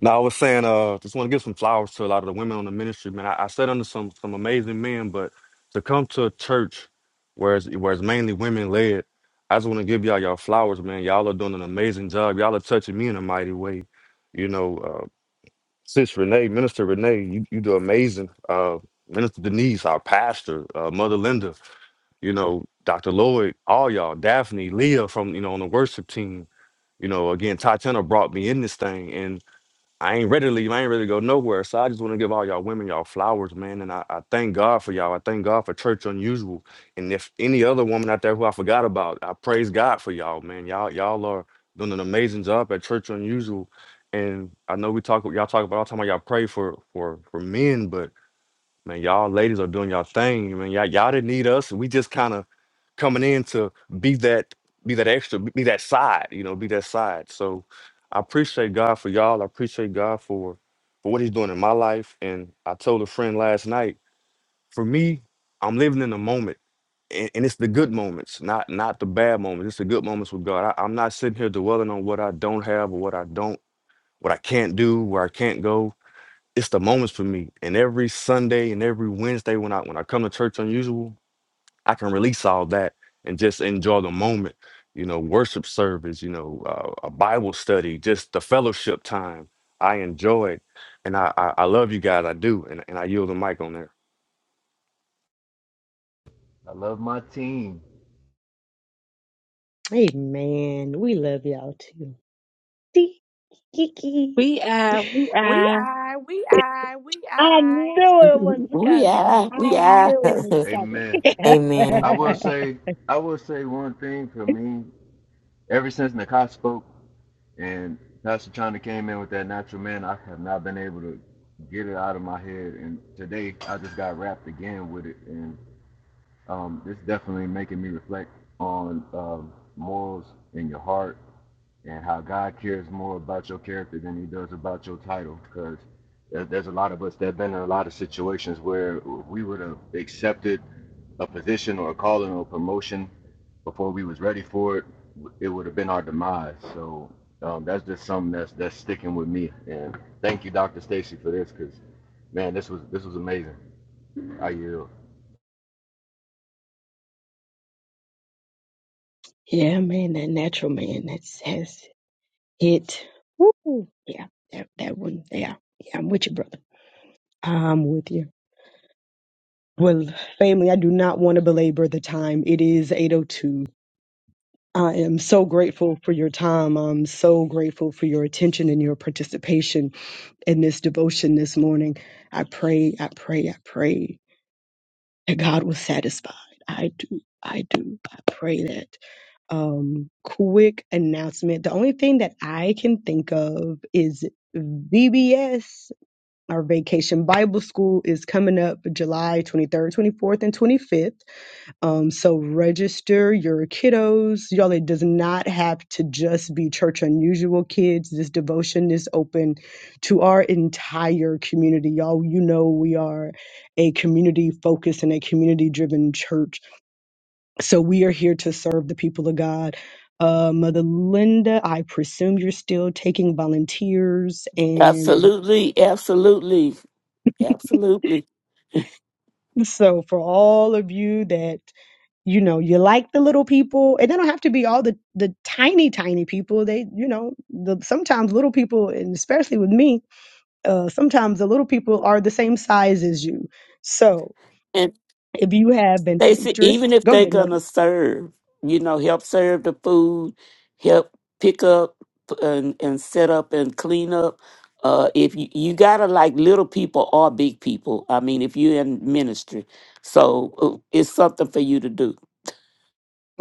Now I was saying, uh, just want to give some flowers to a lot of the women on the ministry, man. I, I sat under some some amazing men, but to come to a church where it's, where it's mainly women led, I just want to give y'all y'all flowers, man. Y'all are doing an amazing job. Y'all are touching me in a mighty way. You know, uh, Sis Renee, Minister Renee, you, you do amazing. Uh, Minister Denise, our pastor, uh, Mother Linda, you know, Dr. Lloyd, all y'all, Daphne, Leah from, you know, on the worship team. You know, again, Tatiana brought me in this thing. I ain't ready to leave. I ain't ready to go nowhere. So I just want to give all y'all women y'all flowers, man. And I, I thank God for y'all. I thank God for Church Unusual. And if any other woman out there who I forgot about, I praise God for y'all, man. Y'all y'all are doing an amazing job at Church Unusual. And I know we talk y'all talk about all the time. how Y'all pray for for for men, but man, y'all ladies are doing y'all thing. Man, y'all y'all didn't need us. We just kind of coming in to be that be that extra be that side you know be that side so i appreciate god for y'all i appreciate god for for what he's doing in my life and i told a friend last night for me i'm living in the moment and, and it's the good moments not not the bad moments it's the good moments with god I, i'm not sitting here dwelling on what i don't have or what i don't what i can't do where i can't go it's the moments for me and every sunday and every wednesday when i when i come to church unusual I can release all that and just enjoy the moment. You know, worship service, you know, uh, a Bible study, just the fellowship time. I enjoy it. And I, I, I love you guys. I do. And, and I yield the mic on there. I love my team. Hey man, we love y'all too. See, Kiki. We are, we We are, I we I we I I. knew it was We coming. are, we I are. knew it Amen. was I will coming. say, I will say one thing for Mm. me. Ever since Nakai spoke and Pastor China came in with that natural man, I have not been able to get it out of my head. And today, I just got wrapped again with it, and um, it's definitely making me reflect on um, morals in your heart and how God cares more about your character than he does about your title. Because there's a lot of us that have been in a lot of situations where we would have accepted a position or a calling or a promotion before we was ready for it. It would have been our demise. So um, that's just something that's that's sticking with me. And thank you, Dr. Stacy, for this. Because man, this was this was amazing. I yield. Yeah, man, that natural man that says it. Woo. Yeah, that, that one. Yeah, yeah, I'm with you, brother. I'm with you. Well, family, I do not want to belabor the time. It is 8:02. I am so grateful for your time. I'm so grateful for your attention and your participation in this devotion this morning. I pray, I pray, I pray that God was satisfied. I do, I do. I pray that. Um, quick announcement. The only thing that I can think of is VBS, our Vacation Bible School, is coming up July 23rd, 24th, and 25th. Um, so register your kiddos. Y'all, it does not have to just be church unusual kids. This devotion is open to our entire community. Y'all, you know we are a community focused and a community driven church. So we are here to serve the people of God. Uh, Mother Linda, I presume you're still taking volunteers. And Absolutely, absolutely, absolutely. so for all of you that you know you like the little people and they don't have to be all the the tiny tiny people they you know the sometimes little people and especially with me uh sometimes the little people are the same size as you so if you have an They said interest even if go they're ahead mother gonna serve, you know, help serve the food, help pick up and, and set up and clean up. Uh, if you, you gotta like little people or big people, I mean, if you're in ministry, so uh, it's something for you to do.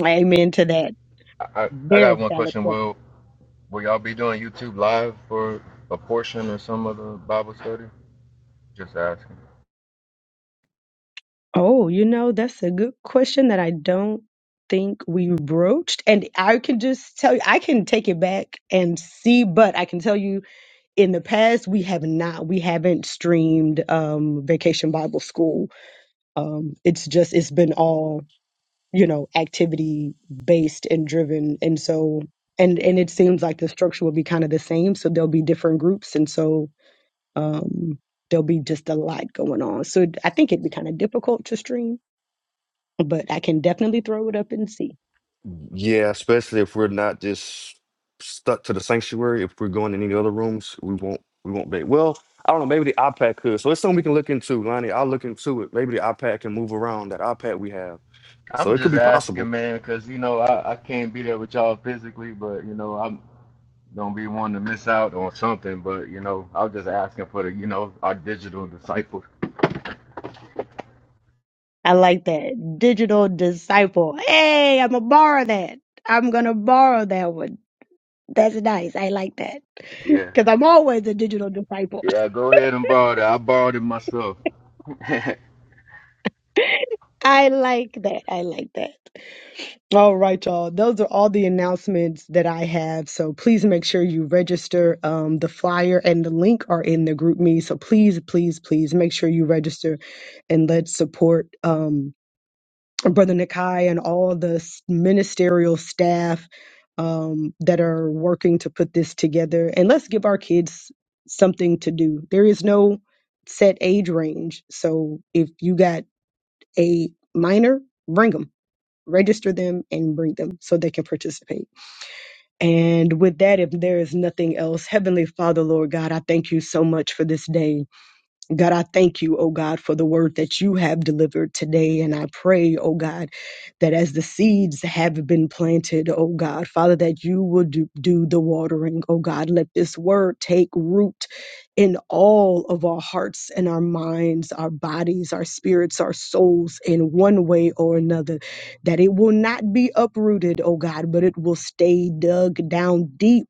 amen to that I, I, I very got one valid question. point. Will will y'all be doing YouTube live for a portion or some of the Bible study? Just asking. oh you know that's a good question that i don't think we broached and i can just tell you i can take it back and see but i can tell you in the past we have not we haven't streamed um vacation bible school um it's just it's been all you know activity based and driven and so and and it seems like the structure will be kind of the same so there'll be different groups and so um there'll be just a lot going on so i think it'd be kind of difficult to stream but i can definitely throw it up and see Yeah, especially if we're not just stuck to the sanctuary. If we're going in any other rooms, we won't we won't be. Well, I don't know. Maybe the iPad could. So it's something we can look into, Lonnie. I'll look into it. Maybe the iPad can move around that iPad we have. So I'm it could just be possible. asking, man, because you know I, I can't be there with y'all physically, but you know I'm gonna be one to miss out on something. But you know I was just asking for the you know our digital disciples. i like that digital disciple hey i'm gonna borrow that i'm gonna borrow that one That's nice. I like that. Yeah, Because I'm always a digital disciple. yeah. Go ahead and borrow that. I borrowed it myself. I like that. I like that. All right, y'all. Those are all the announcements that I have. So please make sure you register. Um, the flyer and the link are in the group me. So please, please, please make sure you register and let's support. Um, Brother Nikai and all the s- ministerial staff um, that are working to put this together. And let's give our kids something to do. There is no set age range. So if you got a minor, bring them, register them, and bring them so they can participate. And with that, if there is nothing else, Heavenly Father, Lord God, I thank you so much for this day. God, I thank you, oh God, for the word that you have delivered today. And I pray, oh God, that as the seeds have been planted, oh God, Father, that you will do, do the watering, oh God. Let this word take root in all of our hearts and our minds, our bodies, our spirits, our souls in one way or another. That it will not be uprooted, oh God, but it will stay dug down deep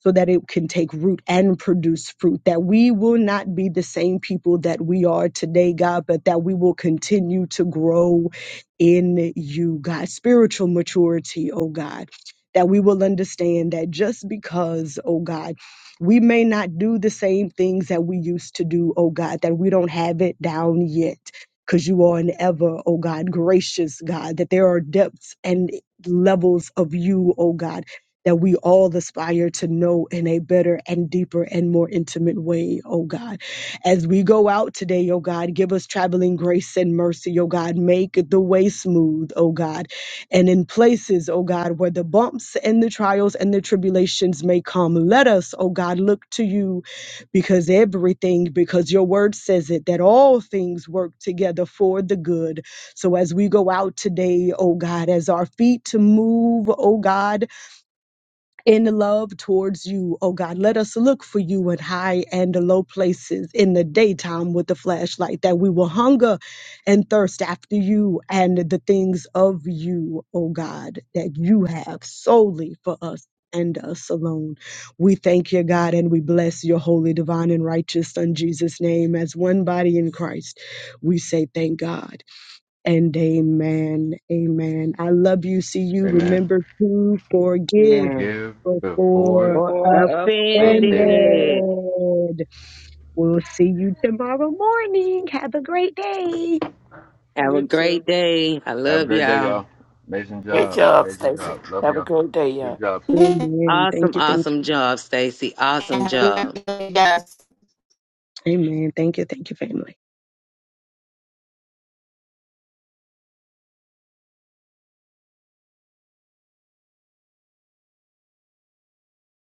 so that it can take root and produce fruit, that we will not be the same people that we are today, God, but that we will continue to grow in you, God. Spiritual maturity, oh God, that we will understand that just because, oh God, we may not do the same things that we used to do, oh God, that we don't have it down yet. Because you are an ever, oh God, gracious God, that there are depths and levels of you, oh God that we all aspire to know in a better and deeper and more intimate way, oh God. As we go out today, oh God, give us traveling grace and mercy, oh God. Make the way smooth, oh God. And in places, oh God, where the bumps and the trials and the tribulations may come, let us, oh God, look to you because everything, because your word says it, that all things work together for the good. So as we go out today, oh God, as our feet move, oh God, in love towards you, oh God. Let us look for you at high and low places in the daytime with the flashlight, that we will hunger and thirst after you and the things of you, oh God, that you have solely for us. And us alone. We thank you, God, and we bless your holy, divine, and righteous Son, Jesus' name, as one body in Christ. We say thank God and amen. Amen. I love you. See you. Amen. Remember to forgive man, Forgive before before boy, offended. offended. offended. We'll see you tomorrow morning. Have a great day. Have a great day. I Have a love great day, y'all. y'all. Amazing Great job. job, Amazing Stacy. job. Love Have a y'all. great day, Good y'all. job, Steve. Amen. Thank Awesome, you. Thank awesome you. job, Stacy. Awesome job. Amen. Amen. Thank you. Thank you, family.